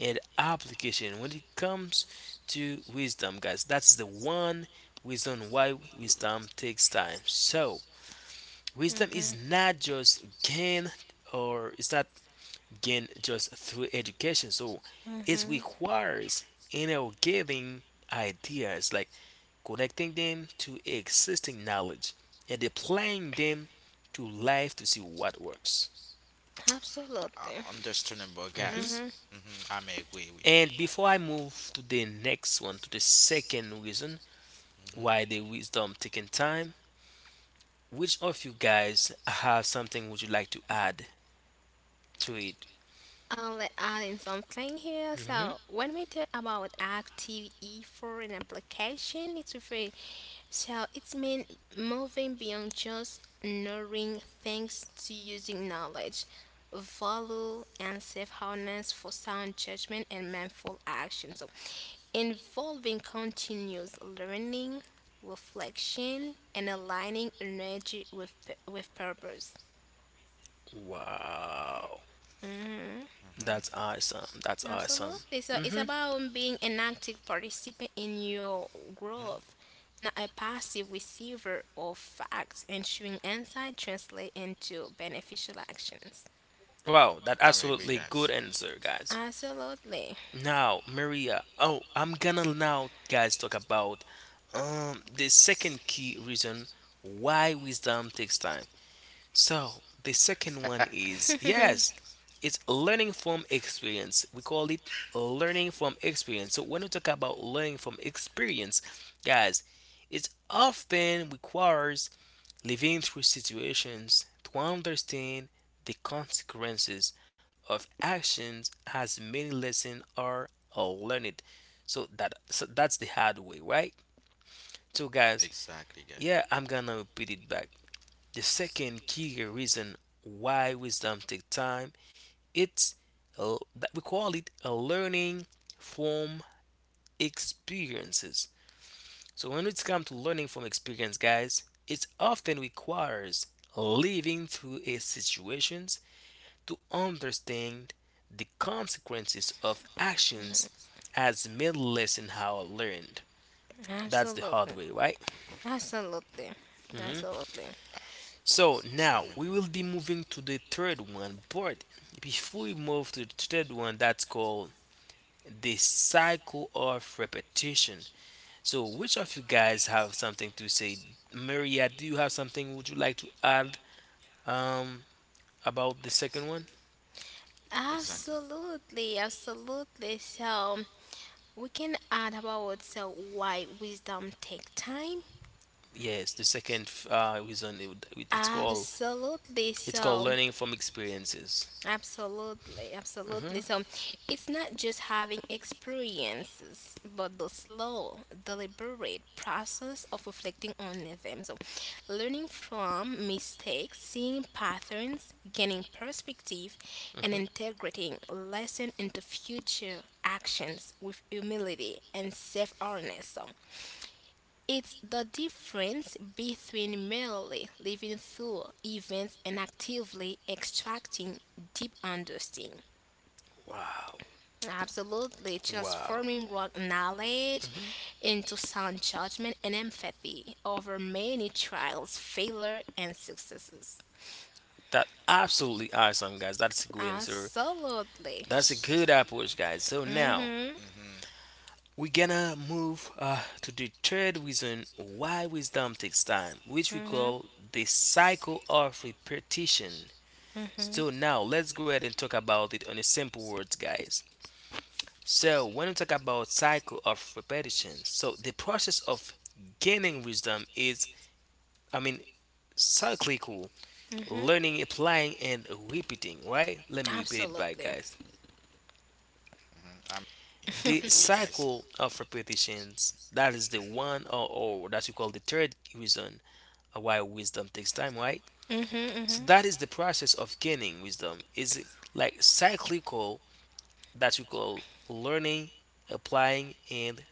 [SPEAKER 2] and application when it comes to wisdom, guys, that's the one, wisdom, why wisdom takes time. So wisdom is
[SPEAKER 3] Mhm.
[SPEAKER 2] not just gained, or it's not gained just through education, so it
[SPEAKER 3] Mhm.
[SPEAKER 2] requires, you know, giving ideas like connecting them to existing knowledge and applying them to life to see what works.
[SPEAKER 3] Absolutely.
[SPEAKER 1] Understandable, guys.
[SPEAKER 3] Mm-hmm.
[SPEAKER 1] I'm agree with.
[SPEAKER 2] And before I move to the next one, to the second reason why
[SPEAKER 1] hmm
[SPEAKER 2] the wisdom taking time, which of you guys have something would you like to add to it?
[SPEAKER 3] Let add in something here.
[SPEAKER 2] Hmm.
[SPEAKER 3] So, when we talk about activity for an application, it's refer, so it's mean moving beyond just knowing things to using knowledge, value, and self awareness for sound judgment and mindful action. So, involving continuous learning, reflection, and aligning energy with with purpose.
[SPEAKER 2] Wow,
[SPEAKER 3] Mm-hmm.
[SPEAKER 1] hmm
[SPEAKER 2] that's awesome. That's awesome.
[SPEAKER 3] Absolutely. So,
[SPEAKER 2] Hmm.
[SPEAKER 3] it's about being an active participant in your
[SPEAKER 1] hmm
[SPEAKER 3] growth, not a passive receiver of facts, ensuring insight translate into beneficial actions.
[SPEAKER 2] Wow, that
[SPEAKER 1] I'm agree,
[SPEAKER 2] absolutely
[SPEAKER 1] guys.
[SPEAKER 2] good answer, guys.
[SPEAKER 3] Absolutely.
[SPEAKER 2] Now, Maria. Oh, I'm gonna now, guys, talk about the second key reason why wisdom takes time. So the second one is yes, it's learning from experience. We call it learning from experience. So when we talk about learning from experience, guys, it often requires living through situations to understand the consequences of actions as many lessons are learned. So that's the hard way, right? So guys,
[SPEAKER 1] Exactly, guys.
[SPEAKER 2] yeah, I'm gonna repeat it back. The second key reason why wisdom takes time, it's that we call it a learning from experiences. So when it comes to learning from experience, guys, it often requires living through a situations to understand the consequences of actions as many lesson how learned. That's the hard way,
[SPEAKER 3] Absolutely.
[SPEAKER 2] right?
[SPEAKER 3] Absolutely.
[SPEAKER 2] Mhm.
[SPEAKER 3] Absolutely.
[SPEAKER 2] So now
[SPEAKER 1] I'm
[SPEAKER 2] we
[SPEAKER 1] agree.
[SPEAKER 2] will be moving to the third one, but before we move to the third one, that's called the cycle of repetition. So, which of you guys have something to say? Maria, do you have something would you like to add um about the second one?
[SPEAKER 1] Exactly.
[SPEAKER 3] Absolutely. Absolutely. So, we can add about so why wisdom take time.
[SPEAKER 2] Yes, the second reason it's called,
[SPEAKER 3] Absolutely.
[SPEAKER 2] it's called learning from experiences.
[SPEAKER 3] Absolutely,
[SPEAKER 2] Mm-hmm,
[SPEAKER 3] absolutely. So, it's not just having experiences, but the slow, deliberate process of reflecting on them. So, learning from mistakes, seeing patterns, gaining perspective, and
[SPEAKER 2] mm-hmm.
[SPEAKER 3] integrating lesson into future actions with humility and self awareness. So, it's the difference between merely living through events and actively extracting deep understanding.
[SPEAKER 2] Wow,
[SPEAKER 3] Absolutely
[SPEAKER 2] wow.
[SPEAKER 3] transforming raw knowledge
[SPEAKER 2] Mm-hmm.
[SPEAKER 3] into sound judgment and empathy over many trials, failure, and successes.
[SPEAKER 2] That absolutely awesome, guys. That's a good answer.
[SPEAKER 1] This
[SPEAKER 3] Absolutely.
[SPEAKER 2] That's a
[SPEAKER 1] is one.
[SPEAKER 2] good approach, guys. So now
[SPEAKER 3] Mhm.
[SPEAKER 1] hmm
[SPEAKER 2] we're gonna move to the third reason why wisdom takes time, which we
[SPEAKER 3] Mhm.
[SPEAKER 2] call the cycle of repetition. So
[SPEAKER 3] Mhm.
[SPEAKER 2] now let's go ahead and talk about it on a simple words, guys. So when we talk about cycle of repetition, so the process of gaining wisdom is, I mean, cyclical,
[SPEAKER 3] Mhm.
[SPEAKER 2] learning, applying, and repeating, right? Let me repeat it, back,
[SPEAKER 3] Absolutely.
[SPEAKER 2] guys.
[SPEAKER 1] hmm I'm I'm
[SPEAKER 2] The
[SPEAKER 1] agree, guys.
[SPEAKER 2] cycle of repetitions, that is the one, or that we call the third reason why wisdom takes time, right?
[SPEAKER 3] Mhm.
[SPEAKER 2] So
[SPEAKER 3] Mhm.
[SPEAKER 2] that is the process of gaining wisdom is like cyclical, that we call learning, applying, and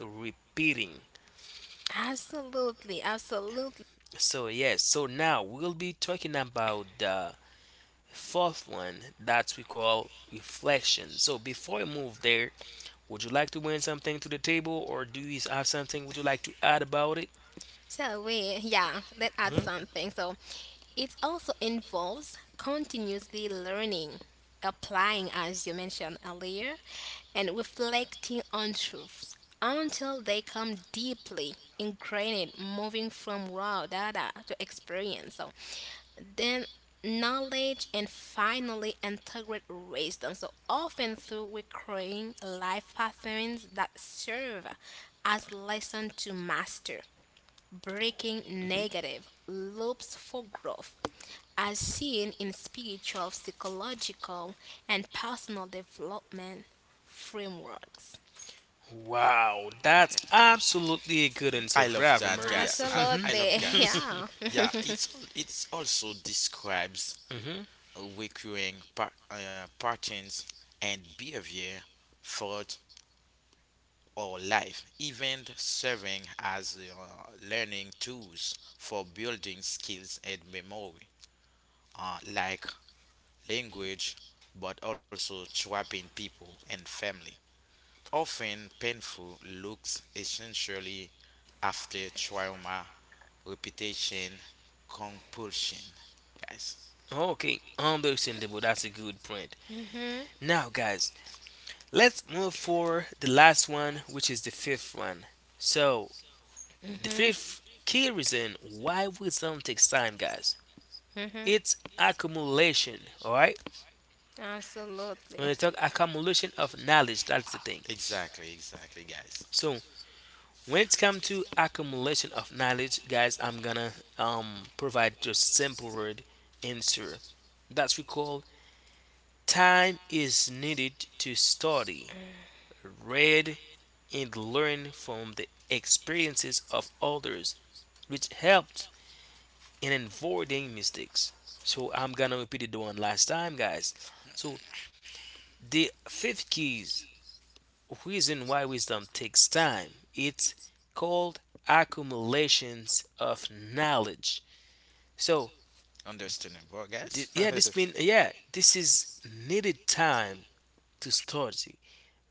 [SPEAKER 2] repeating.
[SPEAKER 3] Absolutely. Absolutely.
[SPEAKER 2] So yes, so now we'll be talking about the fourth one that we call reflection. So before we move there, would you like to bring something to the table or do you have something would you like to add about it?
[SPEAKER 3] So, yeah, let's add
[SPEAKER 2] Hmm?
[SPEAKER 3] something. So, it also involves continuously learning, applying, as you mentioned earlier, and reflecting on truths until they come deeply ingrained, moving from raw data to experience. So, then knowledge and finally integrate wisdom. So, often through recurring life patterns that serve as lesson to master breaking negative loops for growth, as seen in spiritual, psychological, and personal development frameworks.
[SPEAKER 2] Wow, that's absolutely a good answer.
[SPEAKER 1] I love
[SPEAKER 2] Bravo,
[SPEAKER 1] that
[SPEAKER 2] Maria.
[SPEAKER 1] gas. I,
[SPEAKER 2] Mhm,
[SPEAKER 1] I love
[SPEAKER 3] Absolutely,
[SPEAKER 2] mhm,
[SPEAKER 1] gas.
[SPEAKER 3] yeah.
[SPEAKER 1] Yeah, it's also describes
[SPEAKER 2] mhm.
[SPEAKER 1] recurring patterns and behavior thought or life, even serving as learning tools for building skills and memory, like language, but also trapping people and family. Often painful, looks essentially after trauma, repetition, compulsion. Guys,
[SPEAKER 2] Okay, understandable. That's a good point.
[SPEAKER 3] Mhm,
[SPEAKER 2] Now, guys, let's move for the last one, which is the fifth one. So, the
[SPEAKER 3] mhm,
[SPEAKER 2] fifth key reason why wisdom takes time, guys.
[SPEAKER 3] mhm.
[SPEAKER 2] It's accumulation, all right?
[SPEAKER 3] Absolutely.
[SPEAKER 2] When you talk accumulation of knowledge, that's the thing.
[SPEAKER 1] exactly, exactly, guys.
[SPEAKER 2] So, when it's come to accumulation of knowledge, guys, I'm gonna provide just simple word answer, that's we call, time is needed to study, read, and learn from the experiences of others, which helps in avoiding mistakes. So I'm gonna repeat it the one last time, guys. So the fifth keys reason why wisdom takes time. It's called accumulations of knowledge. So
[SPEAKER 1] Understandable, guys.
[SPEAKER 2] yeah, this mean, yeah, this is needed time to study,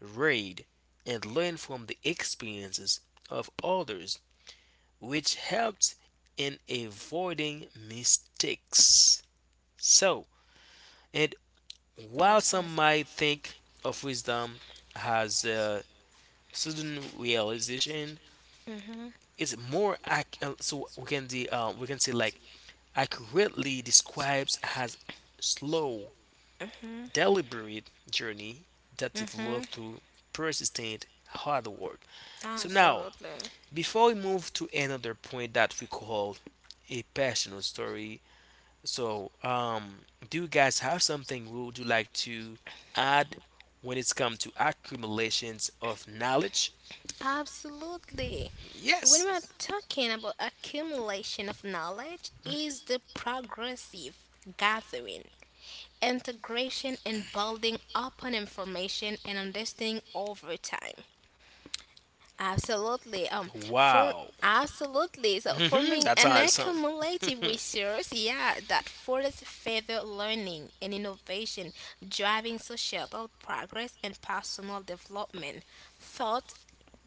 [SPEAKER 2] read, and learn from the experiences of others, which helps in avoiding mistakes. So, and
[SPEAKER 3] Yeah,
[SPEAKER 2] while
[SPEAKER 3] absolutely.
[SPEAKER 2] some might think of wisdom as a sudden realization,
[SPEAKER 3] Mhm,
[SPEAKER 2] is more so we can the we can say like accurately describes as slow, deliberate journey that developed
[SPEAKER 3] mhm.
[SPEAKER 2] through persistent hard work. So now
[SPEAKER 3] Absolutely.
[SPEAKER 2] before we move to another point that we call a personal story, so do you guys have something would you like to add when it's come to accumulations of knowledge?
[SPEAKER 3] Absolutely. When
[SPEAKER 2] Yes.
[SPEAKER 3] we're talking about accumulation of knowledge, is the progressive gathering integration and building upon information and understanding over time. Absolutely. For
[SPEAKER 2] Wow.
[SPEAKER 3] Absolutely. So, forming
[SPEAKER 2] That's
[SPEAKER 3] an
[SPEAKER 2] awesome.
[SPEAKER 3] accumulative resource, yeah, that furthers further learning and innovation, driving societal progress and personal development. Thought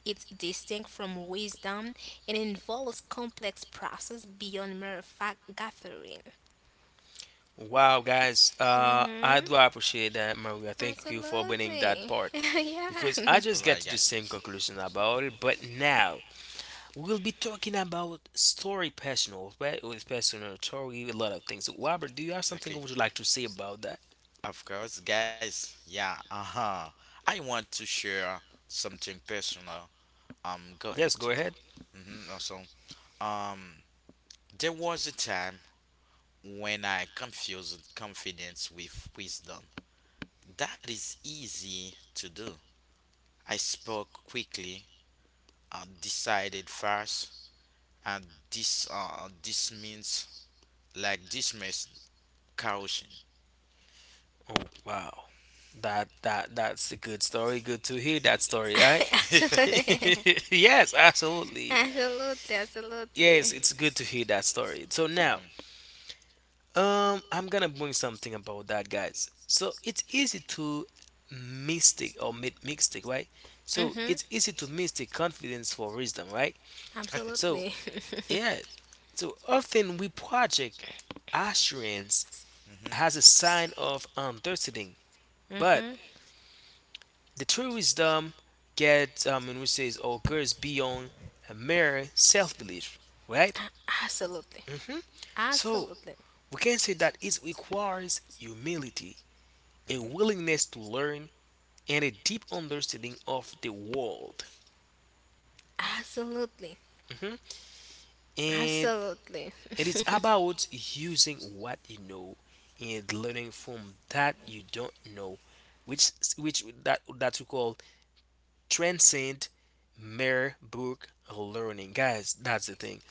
[SPEAKER 3] is distinct from wisdom and involves complex process beyond mere fact gathering.
[SPEAKER 2] Wow, guys, I
[SPEAKER 3] Mm-hmm.
[SPEAKER 2] do appreciate that, Maria. Thank you for bringing that
[SPEAKER 3] Absolutely.
[SPEAKER 2] part
[SPEAKER 3] Yeah.
[SPEAKER 2] because I
[SPEAKER 1] All
[SPEAKER 2] just
[SPEAKER 1] right,
[SPEAKER 2] get to the
[SPEAKER 1] guys.
[SPEAKER 2] same conclusion about it. But now we'll be talking about story personal, right? With personal story, a lot of things. Robert, do you have something
[SPEAKER 1] Exactly.
[SPEAKER 2] would you like to say about that?
[SPEAKER 1] Of course, guys. Yeah, uh huh. I want to share something personal. Go ahead.
[SPEAKER 2] Yes, go ahead.
[SPEAKER 1] Mm-hmm. Also, um, there was a time when I confused confidence with wisdom. That is easy to do. I spoke quickly, decided fast, and dismissed caution.
[SPEAKER 2] Oh, wow. That's a good story. Good to hear that story, right?
[SPEAKER 3] Absolutely,
[SPEAKER 2] Yes, absolutely.
[SPEAKER 3] absolutely.
[SPEAKER 2] Yes,
[SPEAKER 3] Absolutely.
[SPEAKER 2] it's good to hear that story. So now,
[SPEAKER 1] Mhm.
[SPEAKER 2] I'm gonna bring something about that, guys. So it's easy to mistake or make mistake, right? So
[SPEAKER 3] Mhm.
[SPEAKER 2] it's easy to mistake confidence for wisdom, right? So
[SPEAKER 3] Absolutely.
[SPEAKER 2] yes, so often we project assurance as a sign of understanding, but
[SPEAKER 3] Mhm.
[SPEAKER 2] the true wisdom gets and we says or goes beyond a mere self-belief, right?
[SPEAKER 3] A- Absolutely.
[SPEAKER 2] Hmm. So
[SPEAKER 3] Absolutely.
[SPEAKER 2] we can say that it requires humility, a willingness to learn, and a deep understanding of the world.
[SPEAKER 3] Absolutely.
[SPEAKER 2] Mhm. And
[SPEAKER 3] Absolutely.
[SPEAKER 2] it is about using what you know and learning from that you don't know, which which that that we call transcend mere book learning, guys. That's the thing.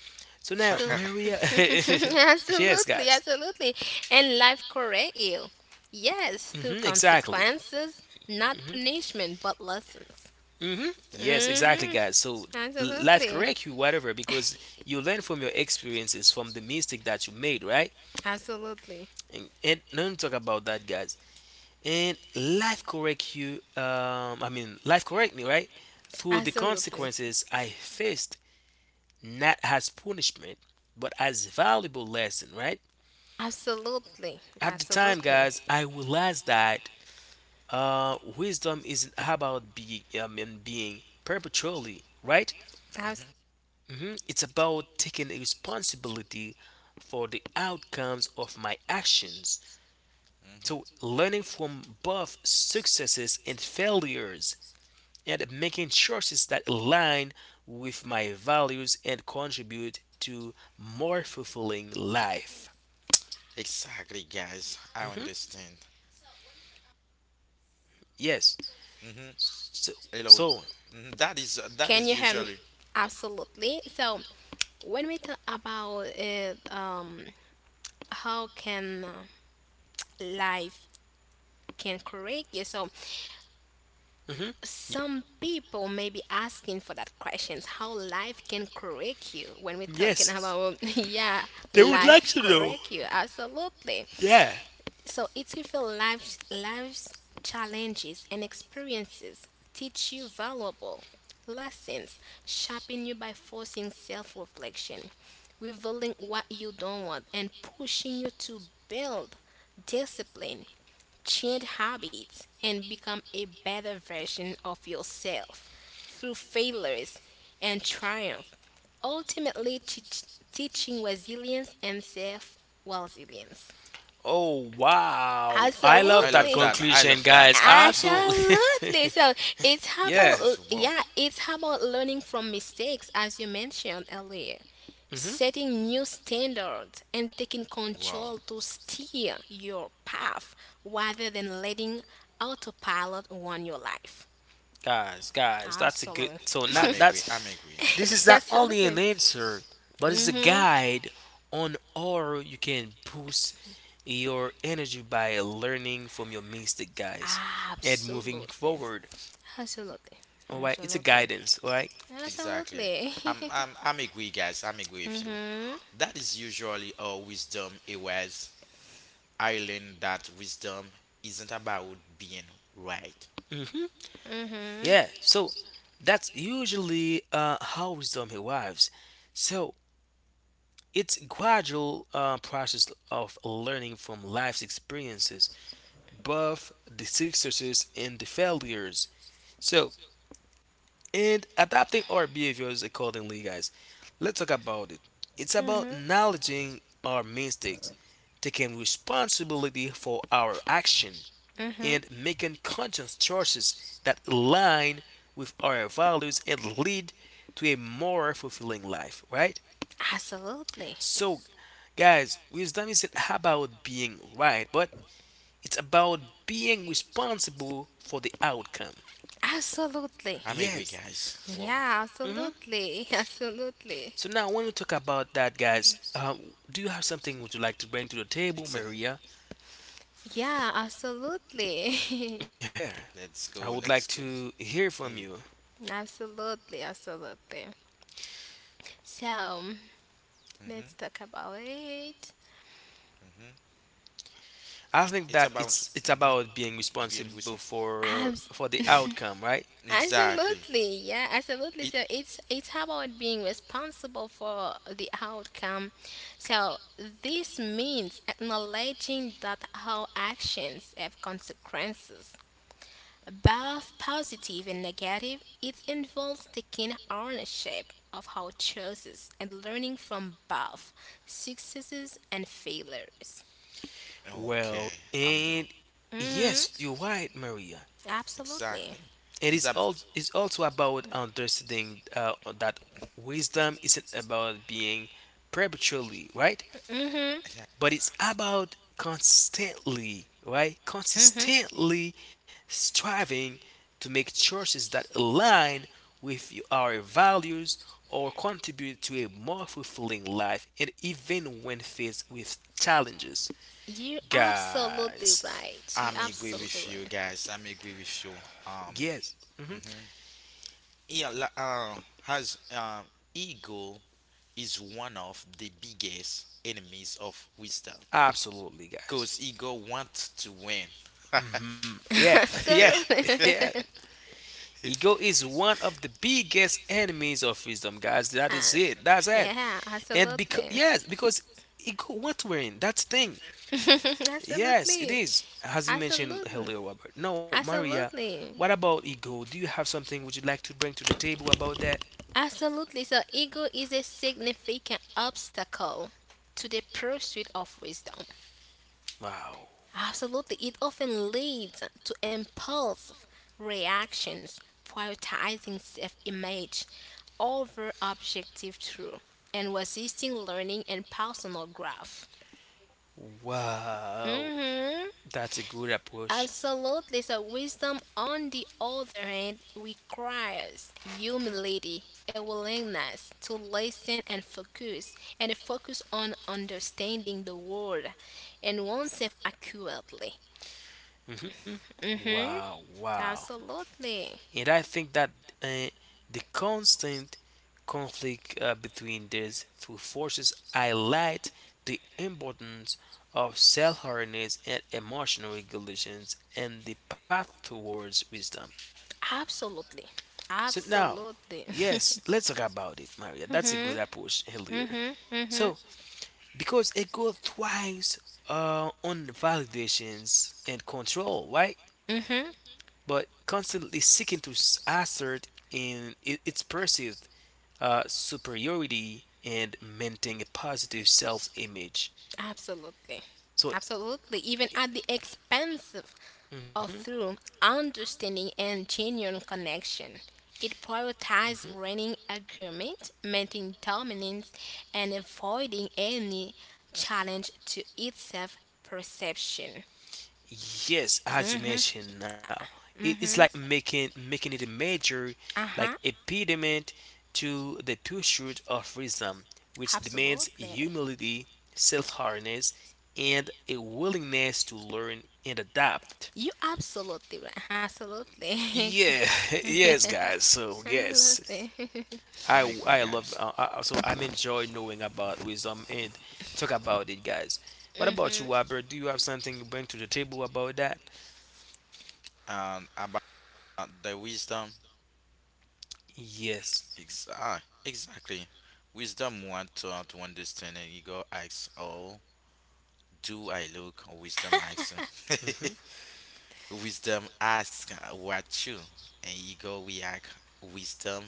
[SPEAKER 2] So now,
[SPEAKER 3] So-
[SPEAKER 1] Mhm.
[SPEAKER 2] Maria, yes,
[SPEAKER 3] absolutely,
[SPEAKER 2] guys,
[SPEAKER 3] absolutely. And life correct you. Yes, through
[SPEAKER 2] hmm, exactly.
[SPEAKER 3] consequences, not
[SPEAKER 2] Mm-hmm.
[SPEAKER 3] punishment, but lessons.
[SPEAKER 2] Yes, exactly,
[SPEAKER 3] Mhm.
[SPEAKER 2] guys. So life
[SPEAKER 3] Absolutely.
[SPEAKER 2] correct you, whatever, because you learn from your experiences, from the mistake that you made, right?
[SPEAKER 3] Absolutely.
[SPEAKER 2] And don't talk about that, guys. And life correct you. Life correct me, right? Through the
[SPEAKER 3] Absolutely.
[SPEAKER 2] consequences I faced, not as punishment, but as valuable lesson, right?
[SPEAKER 3] Absolutely.
[SPEAKER 2] At the time,
[SPEAKER 3] Absolutely.
[SPEAKER 2] guys, I realized that wisdom isn't about being perpetually, right? Mhm. It's about taking responsibility for the outcomes of my actions. So,
[SPEAKER 1] Mhm.
[SPEAKER 2] learning from both successes and failures and making choices that align with my values and contribute to more fulfilling life.
[SPEAKER 1] Exactly, guys. I
[SPEAKER 2] hmm
[SPEAKER 1] understand.
[SPEAKER 2] Yes.
[SPEAKER 1] Mhm.
[SPEAKER 2] So,
[SPEAKER 1] Hello.
[SPEAKER 2] so
[SPEAKER 1] Mhm. That is that
[SPEAKER 3] Can
[SPEAKER 1] is
[SPEAKER 3] you hear me?
[SPEAKER 1] usually.
[SPEAKER 3] Absolutely. So, when we talk about how can life can correct you, so
[SPEAKER 2] mhm. Y-
[SPEAKER 3] some people may be asking for that questions. How life can correct you? When we're talking
[SPEAKER 2] yes,
[SPEAKER 3] about yeah,
[SPEAKER 2] they would like
[SPEAKER 3] life
[SPEAKER 2] to know.
[SPEAKER 3] correct you. Absolutely.
[SPEAKER 2] Yeah.
[SPEAKER 3] So, it's reveal life's challenges and experiences teach you valuable lessons, shaping you by forcing self-reflection, revealing what you don't want and pushing you to build discipline, change habits and become a better version of yourself through failures and triumph, ultimately teaching resilience and self-resilience.
[SPEAKER 2] Oh, wow. I
[SPEAKER 1] I
[SPEAKER 2] love that
[SPEAKER 1] love
[SPEAKER 3] Absolutely.
[SPEAKER 1] that. I
[SPEAKER 2] conclusion,
[SPEAKER 1] love that.
[SPEAKER 2] guys. Absolutely.
[SPEAKER 3] Absolutely. So it's
[SPEAKER 2] yeah.
[SPEAKER 3] about l-
[SPEAKER 1] That's wow.
[SPEAKER 3] yeah, it's about learning from mistakes as you mentioned earlier.
[SPEAKER 2] Mhm.
[SPEAKER 3] Setting new standards and taking
[SPEAKER 1] Wow.
[SPEAKER 3] control to steer your path rather than letting autopilot run your life.
[SPEAKER 2] Guys, that's a good.
[SPEAKER 3] Absolutely.
[SPEAKER 2] So not
[SPEAKER 1] I'm agree.
[SPEAKER 2] that's
[SPEAKER 1] I'm agree.
[SPEAKER 2] This
[SPEAKER 1] I'm
[SPEAKER 2] is
[SPEAKER 1] agree.
[SPEAKER 2] not only an
[SPEAKER 3] Absolutely.
[SPEAKER 2] answer, but it's a
[SPEAKER 3] Mm-hmm.
[SPEAKER 2] guide on how you can boost your energy by learning from your mistake, guys, and moving
[SPEAKER 3] Absolutely.
[SPEAKER 2] forward.
[SPEAKER 3] Absolutely.
[SPEAKER 2] All right, it's a
[SPEAKER 3] Absolutely.
[SPEAKER 2] guidance. All right.
[SPEAKER 1] Exactly.
[SPEAKER 3] Absolutely.
[SPEAKER 1] I'm I'm I'm agree, guys. I'm agree with you.
[SPEAKER 3] mm-hmm.
[SPEAKER 1] That is usually a wisdom it was. I learned that wisdom isn't about being right.
[SPEAKER 2] Mm-hmm.
[SPEAKER 3] Mm-hmm.
[SPEAKER 2] Yeah. So that's usually how wisdom arrives. So it's gradual process of learning from life's experiences, both the successes and the failures. So and adapting our behaviors accordingly, guys. Let's talk about it. It's about acknowledging our mistakes, taking responsibility for our action,
[SPEAKER 3] Mm-hmm.
[SPEAKER 2] and making conscious choices that align with our values and lead to a more fulfilling life, right?
[SPEAKER 3] Absolutely.
[SPEAKER 2] So, guys, wisdom isn't about being right, but it's about being responsible for the outcome.
[SPEAKER 3] Absolutely.
[SPEAKER 1] I'm agree,
[SPEAKER 2] Yes.
[SPEAKER 1] guys. Wow.
[SPEAKER 3] Yeah,
[SPEAKER 2] Mhm.
[SPEAKER 3] absolutely. Absolutely.
[SPEAKER 2] So now, when we talk about that, guys, do you have something would you like to bring to the table,
[SPEAKER 1] Exactly.
[SPEAKER 2] Maria?
[SPEAKER 3] Yeah, absolutely.
[SPEAKER 2] Yeah,
[SPEAKER 1] Let's
[SPEAKER 2] I
[SPEAKER 1] go.
[SPEAKER 2] would like
[SPEAKER 1] Let's go.
[SPEAKER 2] to hear from
[SPEAKER 1] Hey.
[SPEAKER 2] you.
[SPEAKER 3] absolutely, absolutely. So,
[SPEAKER 1] Mhm.
[SPEAKER 3] let's talk about it.
[SPEAKER 1] Mhm.
[SPEAKER 2] I think
[SPEAKER 1] It's
[SPEAKER 2] that
[SPEAKER 1] about
[SPEAKER 2] it's about being
[SPEAKER 1] being
[SPEAKER 2] responsible
[SPEAKER 1] responsible.
[SPEAKER 2] for
[SPEAKER 3] Abs-
[SPEAKER 2] the outcome, right?
[SPEAKER 1] Exactly.
[SPEAKER 3] Absolutely. Yeah, absolutely.
[SPEAKER 1] It
[SPEAKER 3] So, it's about being responsible for the outcome. So, this means acknowledging that our actions have consequences both positive and negative. It involves taking ownership of our choices and learning from both successes and failures.
[SPEAKER 2] Well,
[SPEAKER 1] okay. I'm how.
[SPEAKER 2] and
[SPEAKER 1] hmm
[SPEAKER 3] Mm-hmm.
[SPEAKER 2] yes, you're right, Maria.
[SPEAKER 3] Absolutely.
[SPEAKER 1] Exactly.
[SPEAKER 2] It
[SPEAKER 1] It's
[SPEAKER 2] is
[SPEAKER 1] a
[SPEAKER 2] all it's also about understanding that wisdom isn't about being perpetually right.
[SPEAKER 3] Mm-hmm.
[SPEAKER 1] Yeah,
[SPEAKER 2] But it's about constantly, right?
[SPEAKER 3] Mm-hmm.
[SPEAKER 2] Consistently striving to make choices that align with our values or contribute to a more fulfilling life, and even when faced with challenges,
[SPEAKER 3] You're absolutely
[SPEAKER 2] guys.
[SPEAKER 3] right. You're
[SPEAKER 1] I'm agree
[SPEAKER 3] absolutely
[SPEAKER 1] with you
[SPEAKER 3] right.
[SPEAKER 1] guys. I'm agree with you. Um.
[SPEAKER 2] Yes, hmm
[SPEAKER 1] hmm Yeah. Has ego is one of the biggest enemies of wisdom.
[SPEAKER 2] absolutely,
[SPEAKER 1] Cause
[SPEAKER 2] guys.
[SPEAKER 1] ego wants to win.
[SPEAKER 2] Yep, yep,
[SPEAKER 3] absolutely.
[SPEAKER 2] yep. Ego is one of the biggest enemies of wisdom, guys. That is
[SPEAKER 3] Uh,
[SPEAKER 2] it. That's it.
[SPEAKER 3] yeah,
[SPEAKER 2] And because
[SPEAKER 3] absolutely.
[SPEAKER 2] yes because it go what we're in that's thing, yes it
[SPEAKER 3] absolutely.
[SPEAKER 2] is as you mentioned
[SPEAKER 3] Absolutely.
[SPEAKER 2] earlier, Robert, no, Maria, what
[SPEAKER 3] Absolutely.
[SPEAKER 2] about ego? Do you have something would you like to bring to the table about that?
[SPEAKER 3] Absolutely. So, ego is a significant obstacle to the pursuit of wisdom.
[SPEAKER 2] Wow,
[SPEAKER 3] Absolutely. It often leads to impulsive reactions, prioritizing self image over objective truth, and resisting learning and personal growth.
[SPEAKER 2] wow.
[SPEAKER 3] Hmm.
[SPEAKER 2] That's a good approach.
[SPEAKER 3] Absolutely. So, wisdom, on the other hand, requires humility, a willingness to listen and focus, and a focus on understanding the world and oneself accurately.
[SPEAKER 2] hmm
[SPEAKER 3] Mm-hmm.
[SPEAKER 2] wow, wow.
[SPEAKER 3] Absolutely.
[SPEAKER 2] And I think that uh, the constant conflict between these two forces highlight the importance of self-awareness and emotional regulations and the path towards wisdom.
[SPEAKER 3] Absolutely.
[SPEAKER 2] So now,
[SPEAKER 3] Absolutely.
[SPEAKER 2] yes, let's talk about it, Maria. That's a good
[SPEAKER 3] mm-hmm.
[SPEAKER 2] approach earlier.
[SPEAKER 3] Mm-hmm.
[SPEAKER 2] So because it goes twice on validations and control, right?
[SPEAKER 3] Mm-hmm.
[SPEAKER 2] But constantly seeking to assert in its perceived superiority and maintain a positive self-image.
[SPEAKER 3] Absolutely.
[SPEAKER 2] So
[SPEAKER 3] Absolutely. Even at the expense of or
[SPEAKER 2] mhm,
[SPEAKER 3] through understanding and genuine connection. It prioritizes running agreement, maintaining dominance, and avoiding any challenge to its self perception.
[SPEAKER 2] yes, as you
[SPEAKER 3] Mm-hmm.
[SPEAKER 2] mentioned now, it's like making it a major
[SPEAKER 3] Uh-huh.
[SPEAKER 2] like impediment to the pursuit of wisdom, which demands
[SPEAKER 3] Absolutely.
[SPEAKER 2] humility, self-awareness, and a willingness to learn and adapt.
[SPEAKER 3] You absolutely right. Absolutely.
[SPEAKER 2] Yeah, yes, guys. So yes.
[SPEAKER 3] absolutely.
[SPEAKER 2] I
[SPEAKER 1] I'm agree,
[SPEAKER 2] I love
[SPEAKER 1] guys.
[SPEAKER 2] so I'm enjoying knowing about wisdom and talk about it, guys. What about
[SPEAKER 3] Mm-hmm.
[SPEAKER 2] you, Albert? Do you have something you bring to the table about that?
[SPEAKER 1] And about the wisdom,
[SPEAKER 2] Yes.
[SPEAKER 1] exactly. Exactly. Wisdom want to understand and ego asks, oh, do I look? Or wisdom asks.
[SPEAKER 2] Mm-hmm.
[SPEAKER 1] Wisdom asks, what you? And ego react. Wisdom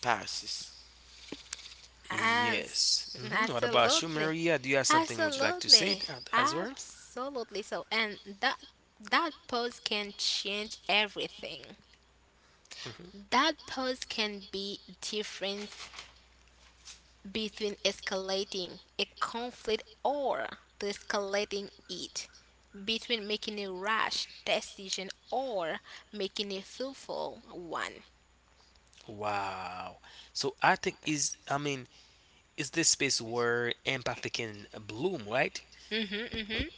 [SPEAKER 1] passes.
[SPEAKER 3] As
[SPEAKER 2] Yes. Mm-hmm. What about you,
[SPEAKER 3] absolutely.
[SPEAKER 2] Maria? Do you have something would you like to say
[SPEAKER 3] Absolutely.
[SPEAKER 2] that as well?
[SPEAKER 3] Absolutely. So, and that pose can change everything.
[SPEAKER 2] hmm
[SPEAKER 3] That pose can be difference between escalating a conflict or de-escalating it, between making a rash decision or making a thoughtful one.
[SPEAKER 2] Wow. So I think is is this space where empathy can bloom, right?
[SPEAKER 3] Mhm.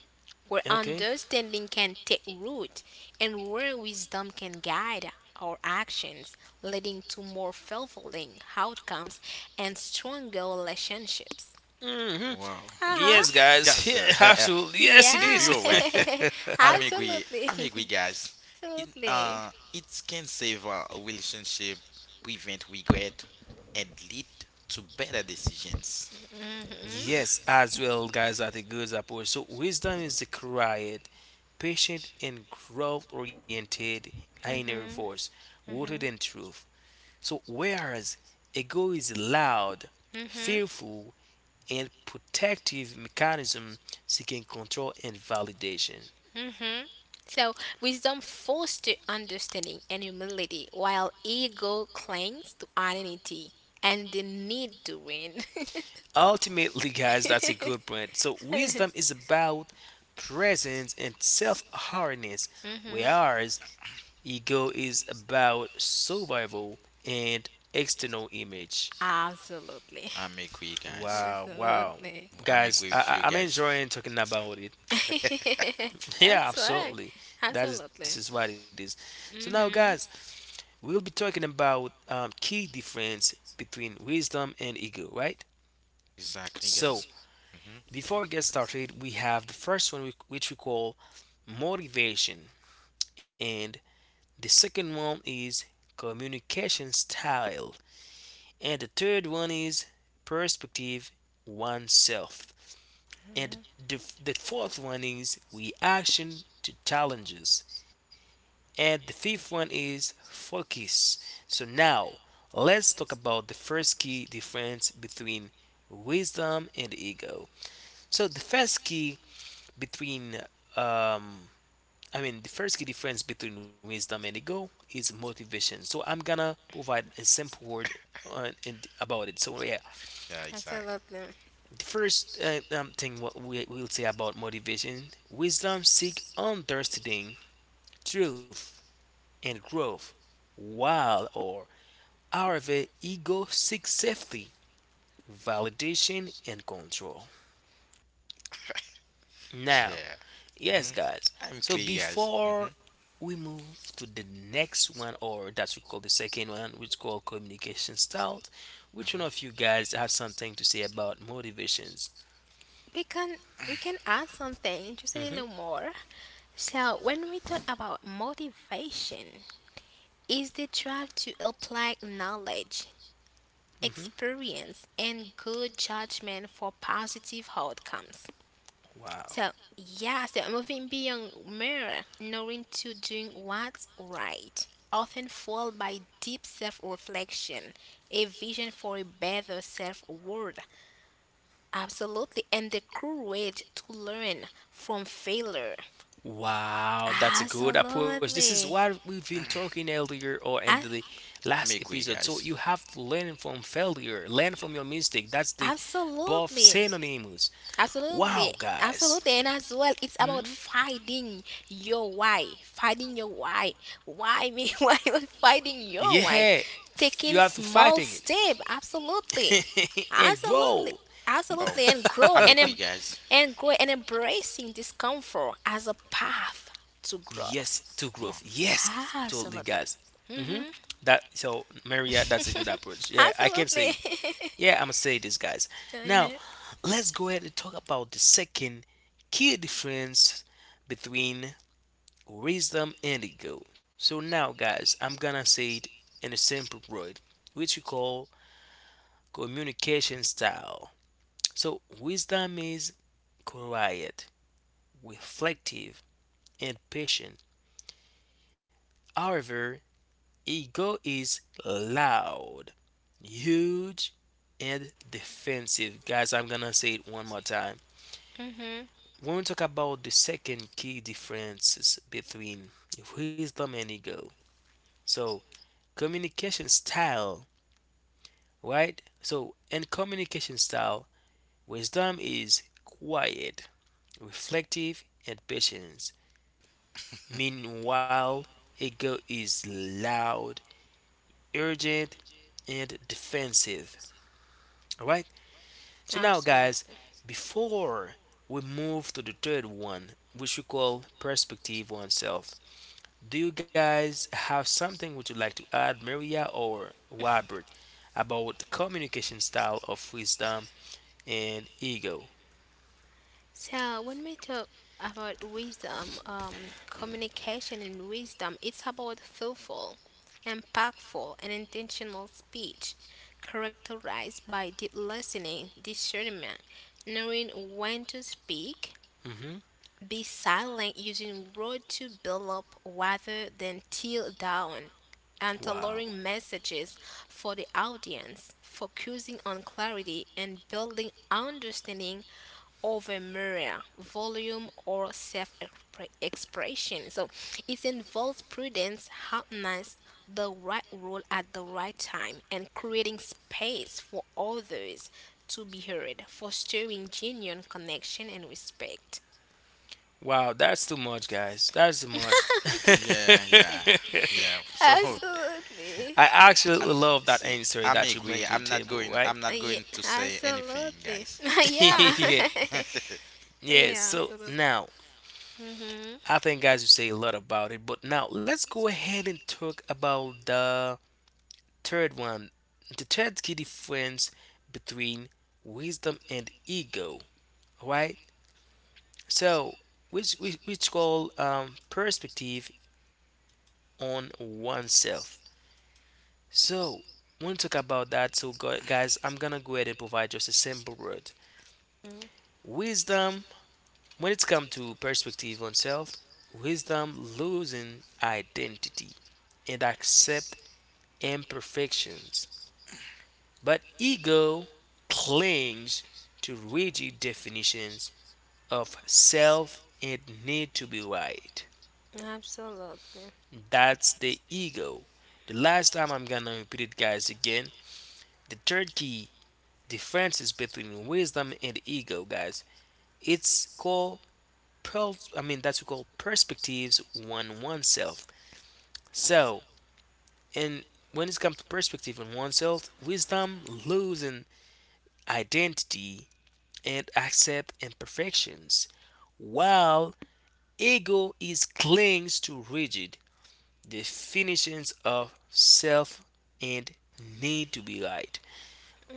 [SPEAKER 3] Where
[SPEAKER 2] Okay.
[SPEAKER 3] understanding can take root and where wisdom can guide our actions, leading to more fulfilling outcomes and stronger relationships.
[SPEAKER 2] Mm-hmm.
[SPEAKER 1] Wow.
[SPEAKER 3] Uh-huh.
[SPEAKER 2] Yes,
[SPEAKER 1] Wisdom
[SPEAKER 2] guys. Yeah,
[SPEAKER 1] gotcha.
[SPEAKER 2] absolutely. Yes, it
[SPEAKER 1] You
[SPEAKER 2] is.
[SPEAKER 3] Yeah.
[SPEAKER 1] you're right. I'm agree.
[SPEAKER 3] Absolutely.
[SPEAKER 1] I'm agree, guys. It uh
[SPEAKER 3] Absolutely.
[SPEAKER 1] it can save a relationship, prevent regret, and lead to better decisions.
[SPEAKER 3] Hmm.
[SPEAKER 2] Yes, as well, guys, are the good approach. So wisdom is the quiet, patient, and growth-oriented inner voice, rooted in truth. So whereas ego is loud, fearful, and protective mechanism seeking control and validation.
[SPEAKER 3] So, wisdom fosters understanding and humility, while ego clings to identity and the need to win.
[SPEAKER 2] Ultimately, guys, that's a good point. So, wisdom is about presence and self awareness,
[SPEAKER 3] Hmm.
[SPEAKER 2] whereas ego is about survival and external image.
[SPEAKER 3] Absolutely.
[SPEAKER 1] I'm agree, guys.
[SPEAKER 2] Wow, wow.
[SPEAKER 3] Absolutely.
[SPEAKER 1] I'm
[SPEAKER 2] Guys,
[SPEAKER 1] agree with you
[SPEAKER 2] I'm
[SPEAKER 1] guys.
[SPEAKER 2] enjoying talking about it. Yeah,
[SPEAKER 3] That's right.
[SPEAKER 2] absolutely. That is This
[SPEAKER 3] Absolutely.
[SPEAKER 2] is what it is. So now, guys,
[SPEAKER 3] Hmm.
[SPEAKER 2] we'll be talking about key difference between wisdom and ego, right?
[SPEAKER 1] Exactly,
[SPEAKER 2] So
[SPEAKER 1] guys. hmm
[SPEAKER 2] before we get started, we have the first one, which we call motivation, and the second one is communication style, and the third one is perspective oneself, and the fourth one is reaction to challenges, and the fifth one is focus. So now let's talk about the first key difference between wisdom and ego. So the first key between um, the first key difference between wisdom and ego is motivation. So I'm gonna provide a simple word on, in, about it. So yeah,
[SPEAKER 1] Yeah, exactly.
[SPEAKER 3] Absolutely.
[SPEAKER 2] the first thing what we will say about motivation, wisdom seek understanding, truth, and growth, while or however ego seeks safety, validation, and control. Now,
[SPEAKER 1] Yeah.
[SPEAKER 2] yes,
[SPEAKER 1] hmm
[SPEAKER 2] guys.
[SPEAKER 1] I'm
[SPEAKER 2] So
[SPEAKER 1] clear, guys.
[SPEAKER 2] before we move to the next one, or that's we call the second one, which called communication styles, which one
[SPEAKER 1] Hmm
[SPEAKER 2] of you guys have something to say about motivations?
[SPEAKER 3] We can we can add something just a
[SPEAKER 2] hmm
[SPEAKER 3] little more. So when we talk about motivation, is the drive to apply knowledge,
[SPEAKER 2] hmm
[SPEAKER 3] experience, and good judgment for positive outcomes.
[SPEAKER 2] Wow.
[SPEAKER 3] So, yeah, the moving beyond mirror, knowing to doing what's right, often followed by deep self reflection, a vision for a better self worth. Absolutely, and the courage to learn from failure.
[SPEAKER 2] Wow, that's a good approach. This is
[SPEAKER 3] Absolutely.
[SPEAKER 2] what we've been talking earlier or in
[SPEAKER 3] A-
[SPEAKER 2] the last
[SPEAKER 1] I'm agree,
[SPEAKER 2] episode. So you
[SPEAKER 1] guys.
[SPEAKER 2] have to learn from failure, learn from your mistake. That's the both
[SPEAKER 3] absolutely.
[SPEAKER 2] synonyms.
[SPEAKER 3] Absolutely,
[SPEAKER 2] Wow, guys.
[SPEAKER 3] absolutely, and as well, it's about
[SPEAKER 2] Mhm.
[SPEAKER 3] finding your why me, why we finding your
[SPEAKER 2] Yeah,
[SPEAKER 3] why,
[SPEAKER 2] You have to
[SPEAKER 3] taking
[SPEAKER 2] fighting
[SPEAKER 3] small
[SPEAKER 2] it.
[SPEAKER 3] step, absolutely,
[SPEAKER 2] and grow.
[SPEAKER 3] absolutely,
[SPEAKER 1] Oh,
[SPEAKER 3] absolutely, and grow
[SPEAKER 1] I'm
[SPEAKER 3] and
[SPEAKER 1] agree,
[SPEAKER 3] em-
[SPEAKER 1] guys.
[SPEAKER 3] and grow and embracing discomfort as a path to
[SPEAKER 2] yes, to
[SPEAKER 3] growth,
[SPEAKER 2] growth.
[SPEAKER 1] Wow.
[SPEAKER 2] Yes, absolutely,
[SPEAKER 3] absolutely,
[SPEAKER 2] guys. hmm
[SPEAKER 3] mm-hmm.
[SPEAKER 2] That so, Maria, that's a good approach. Yeah, I can say.
[SPEAKER 3] absolutely,
[SPEAKER 2] Yeah, I'ma say this, guys. Now
[SPEAKER 3] Mhm.
[SPEAKER 2] let's go ahead and talk about the second key difference between wisdom and ego. So now, guys, I'm gonna say it in a simple word, which we call communication style. So wisdom is quiet, reflective, and patient. However, ego is loud, huge, and defensive. Guys, I'm gonna say it one more time.
[SPEAKER 3] Mhm.
[SPEAKER 2] When we talk about the second key differences between wisdom and ego, so communication style, right? So, in communication style, wisdom is quiet, reflective, and patient. Meanwhile, ego is loud, urgent, and defensive. All right. So now, guys,
[SPEAKER 3] Absolutely.
[SPEAKER 2] before we move to the third one, which we call perspective oneself, do you guys have something would you like to add, Maria or Robert, about the communication style of wisdom and ego?
[SPEAKER 3] So when we talk about wisdom,
[SPEAKER 1] hmm
[SPEAKER 3] communication and wisdom, it's about thoughtful, impactful, and intentional speech, characterized by deep listening, discernment, knowing when to speak,
[SPEAKER 2] hmm
[SPEAKER 3] be silent, using words to build up rather than tear down, and
[SPEAKER 2] Wow.
[SPEAKER 3] tailoring messages for the audience, focusing on clarity and building understanding over overmuria, volume, or self expression. So it involves prudence, happiness, the right role at the right time, and creating space for others to be heard, fostering genuine connection and respect.
[SPEAKER 2] Wow, that's too much, guys. That's too much.
[SPEAKER 1] Yeah, yeah. Yeah. So
[SPEAKER 3] Absolutely.
[SPEAKER 2] I actually
[SPEAKER 1] I,
[SPEAKER 2] love that
[SPEAKER 1] see,
[SPEAKER 2] answer
[SPEAKER 1] I'm
[SPEAKER 2] that you bring
[SPEAKER 1] agree.
[SPEAKER 2] to the
[SPEAKER 1] I'm not
[SPEAKER 2] table,
[SPEAKER 1] going.
[SPEAKER 2] right?
[SPEAKER 1] I'm not
[SPEAKER 3] Yeah,
[SPEAKER 1] going to say anything,
[SPEAKER 3] absolutely.
[SPEAKER 1] guys. I'm
[SPEAKER 3] yeah.
[SPEAKER 2] yeah.
[SPEAKER 1] agree. I'm
[SPEAKER 2] Yeah.
[SPEAKER 3] yeah,
[SPEAKER 2] So
[SPEAKER 3] absolutely.
[SPEAKER 2] now,
[SPEAKER 3] Hmm.
[SPEAKER 2] I think guys you say a lot about it, but now let's go ahead and talk about the third one. The third key difference between wisdom and ego, right? So which call perspective on oneself. So when we talk about that, so guys, I'm gonna go ahead and provide just a simple word. Wisdom when it's come to perspective on self, wisdom losing identity and accept imperfections, but ego clings to rigid definitions of self and need to be right.
[SPEAKER 3] Absolutely.
[SPEAKER 2] That's the ego. The last time I'm gonna repeat it, guys, again. The third key differences between wisdom and ego, guys. It's called that's what we call perspectives on oneself. So, and when it comes to perspective on oneself, wisdom loses identity and accept imperfections, while ego is clings to rigid definitions of self and need to be right.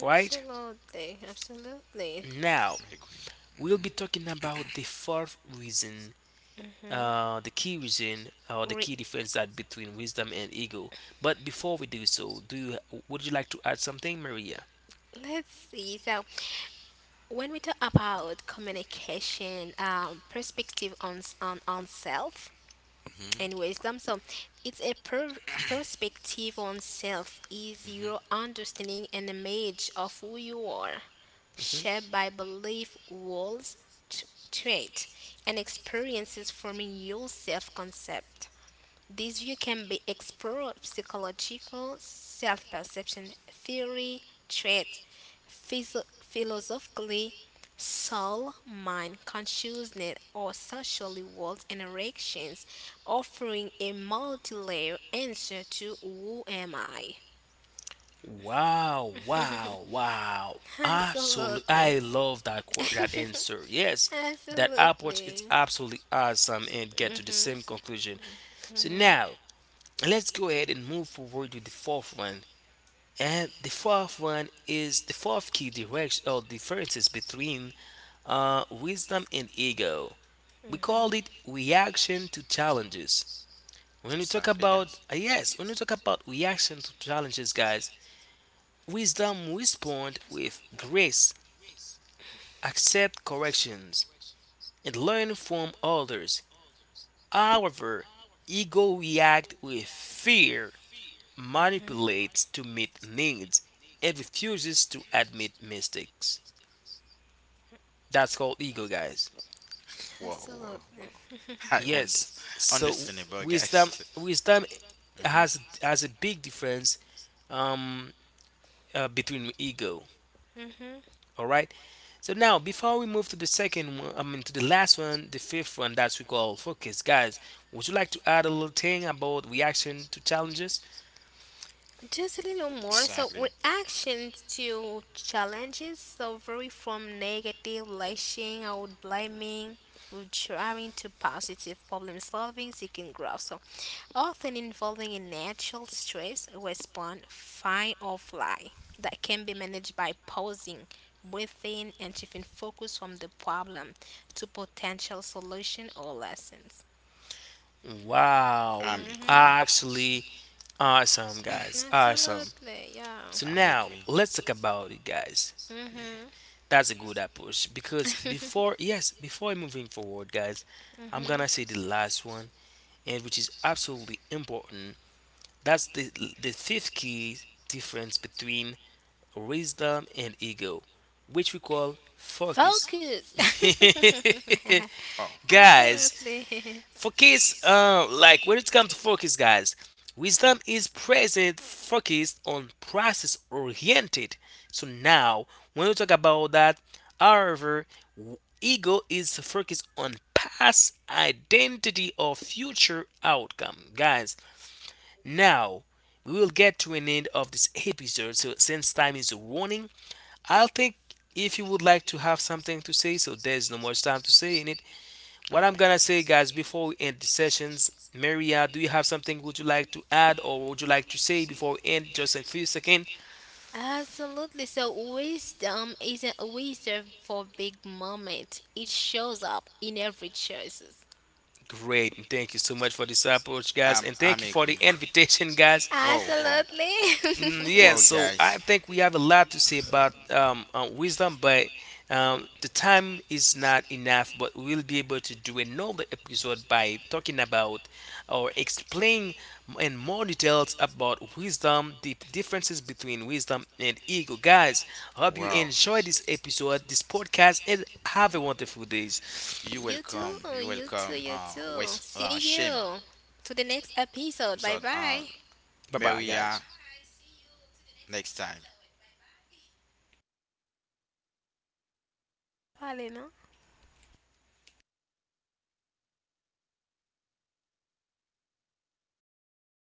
[SPEAKER 2] Right
[SPEAKER 3] Absolutely.
[SPEAKER 2] now,
[SPEAKER 1] agree.
[SPEAKER 2] we'll be talking
[SPEAKER 1] Mhm.
[SPEAKER 2] about the fourth reason,
[SPEAKER 3] Hmm.
[SPEAKER 2] the key reason or the key difference that between wisdom and ego. But before we do so, do you would you like to add something, Maria?
[SPEAKER 3] Let's see. So, when we talk about communication, perspective on s- on self
[SPEAKER 1] Mhm.
[SPEAKER 3] and wisdom, so it's a per- perspective on self is
[SPEAKER 1] Mhm.
[SPEAKER 3] your understanding and image of who you are,
[SPEAKER 2] hmm
[SPEAKER 3] shaped by belief, walls, trait, and experiences forming your self concept. This view can be explored psychological, self perception theory, trait, philosophically, soul, mind, consciousness, or socially world interactions, offering a multi layer answer to who am I?
[SPEAKER 2] Wow, wow, wow. Absolutely.
[SPEAKER 3] Absolutely.
[SPEAKER 2] I love that that answer. Yes, that approach is
[SPEAKER 3] Absolutely.
[SPEAKER 2] absolutely awesome and get to the
[SPEAKER 3] Hmm.
[SPEAKER 2] same conclusion. So now, let's go ahead and move forward to the fourth one. And the fourth one is the fourth key direction or differences between wisdom and ego. We call it reaction to challenges. When you talk
[SPEAKER 1] Exactly,
[SPEAKER 2] about
[SPEAKER 1] guys.
[SPEAKER 2] when you talk about reaction to challenges, guys, wisdom responds with grace, accept corrections, and learn from others. However, ego reacts with fear, manipulates to meet needs, and refuses to admit mistakes. That's called ego, guys.
[SPEAKER 1] Whoa, whoa,
[SPEAKER 3] Absolutely.
[SPEAKER 1] whoa. I want
[SPEAKER 2] Yes.
[SPEAKER 1] this.
[SPEAKER 2] So
[SPEAKER 1] Understandable,
[SPEAKER 2] wisdom,
[SPEAKER 1] guys.
[SPEAKER 2] wisdom
[SPEAKER 1] Mhm.
[SPEAKER 2] has a big difference um, between ego.
[SPEAKER 3] Hmm.
[SPEAKER 2] All right. So now, before we move to the second one, I mean to the last one, the fifth one that we call focus, guys. Would you like to add a little thing about reaction to challenges?
[SPEAKER 3] Just a little more. So,
[SPEAKER 1] Exactly.
[SPEAKER 3] reactions to challenges. So, vary from negative, lashing out, blaming, with trying to positive problem solving, seeking growth. So, often involving a natural stress response, fight or fly, that can be managed by pausing, breathing, and shifting focus from the problem to potential solution or lessons.
[SPEAKER 2] Wow,
[SPEAKER 1] I'm agree.
[SPEAKER 3] Mm-hmm.
[SPEAKER 2] actually,
[SPEAKER 1] Mm-hmm.
[SPEAKER 2] awesome, guys, awesome.
[SPEAKER 3] Absolutely, yeah.
[SPEAKER 2] So
[SPEAKER 1] I'm
[SPEAKER 2] now
[SPEAKER 1] agree.
[SPEAKER 2] let's talk about it, guys. That's a good approach because before, yes, before moving forward, guys, I'm gonna say the last one, and which is absolutely important. That's the fifth key difference between wisdom, and ego, which we call focus.
[SPEAKER 3] Mm-hmm. Focus.
[SPEAKER 1] Wow.
[SPEAKER 2] guys,
[SPEAKER 3] Absolutely.
[SPEAKER 2] focus, like when it comes to focus, guys, wisdom is present, focused on process oriented. So now, when we talk about that, however, ego is focused on past identity or future outcome. Guys, now we will get to an end of this episode. So since time is running, I think if you would like to have something to say, so there's no much time to say in it. What I'm
[SPEAKER 1] Okay.
[SPEAKER 2] gonna say, guys, before we end the sessions, Maria, do you have something would you like to add or would you like to say before we end just in a few seconds?
[SPEAKER 3] Absolutely. So wisdom isn't reserved for big moments. It shows up in every choices.
[SPEAKER 2] Great, thank you so much for this approach, guys,
[SPEAKER 1] I'm
[SPEAKER 2] and thank you
[SPEAKER 1] Thank
[SPEAKER 2] for
[SPEAKER 1] you.
[SPEAKER 2] the invitation, guys.
[SPEAKER 1] Whoa, whoa.
[SPEAKER 2] Mm, yeah, so I think we have a lot to say about wisdom, but the time is not enough. But we'll be able to do another episode by talking about or explain in more details about wisdom, the differences between wisdom and ego. Guys, hope you
[SPEAKER 1] Wow.
[SPEAKER 2] enjoy this episode, this podcast, and have a wonderful day.
[SPEAKER 3] Absolutely. you too.
[SPEAKER 1] You
[SPEAKER 3] You too.
[SPEAKER 1] welcome,
[SPEAKER 3] You too.
[SPEAKER 1] West,
[SPEAKER 3] See
[SPEAKER 1] Shim,
[SPEAKER 3] you to the next episode. Bye
[SPEAKER 1] Zod,
[SPEAKER 3] bye.
[SPEAKER 2] Bye bye,
[SPEAKER 1] Maria,
[SPEAKER 2] guys.
[SPEAKER 1] next time.
[SPEAKER 3] Vale, no?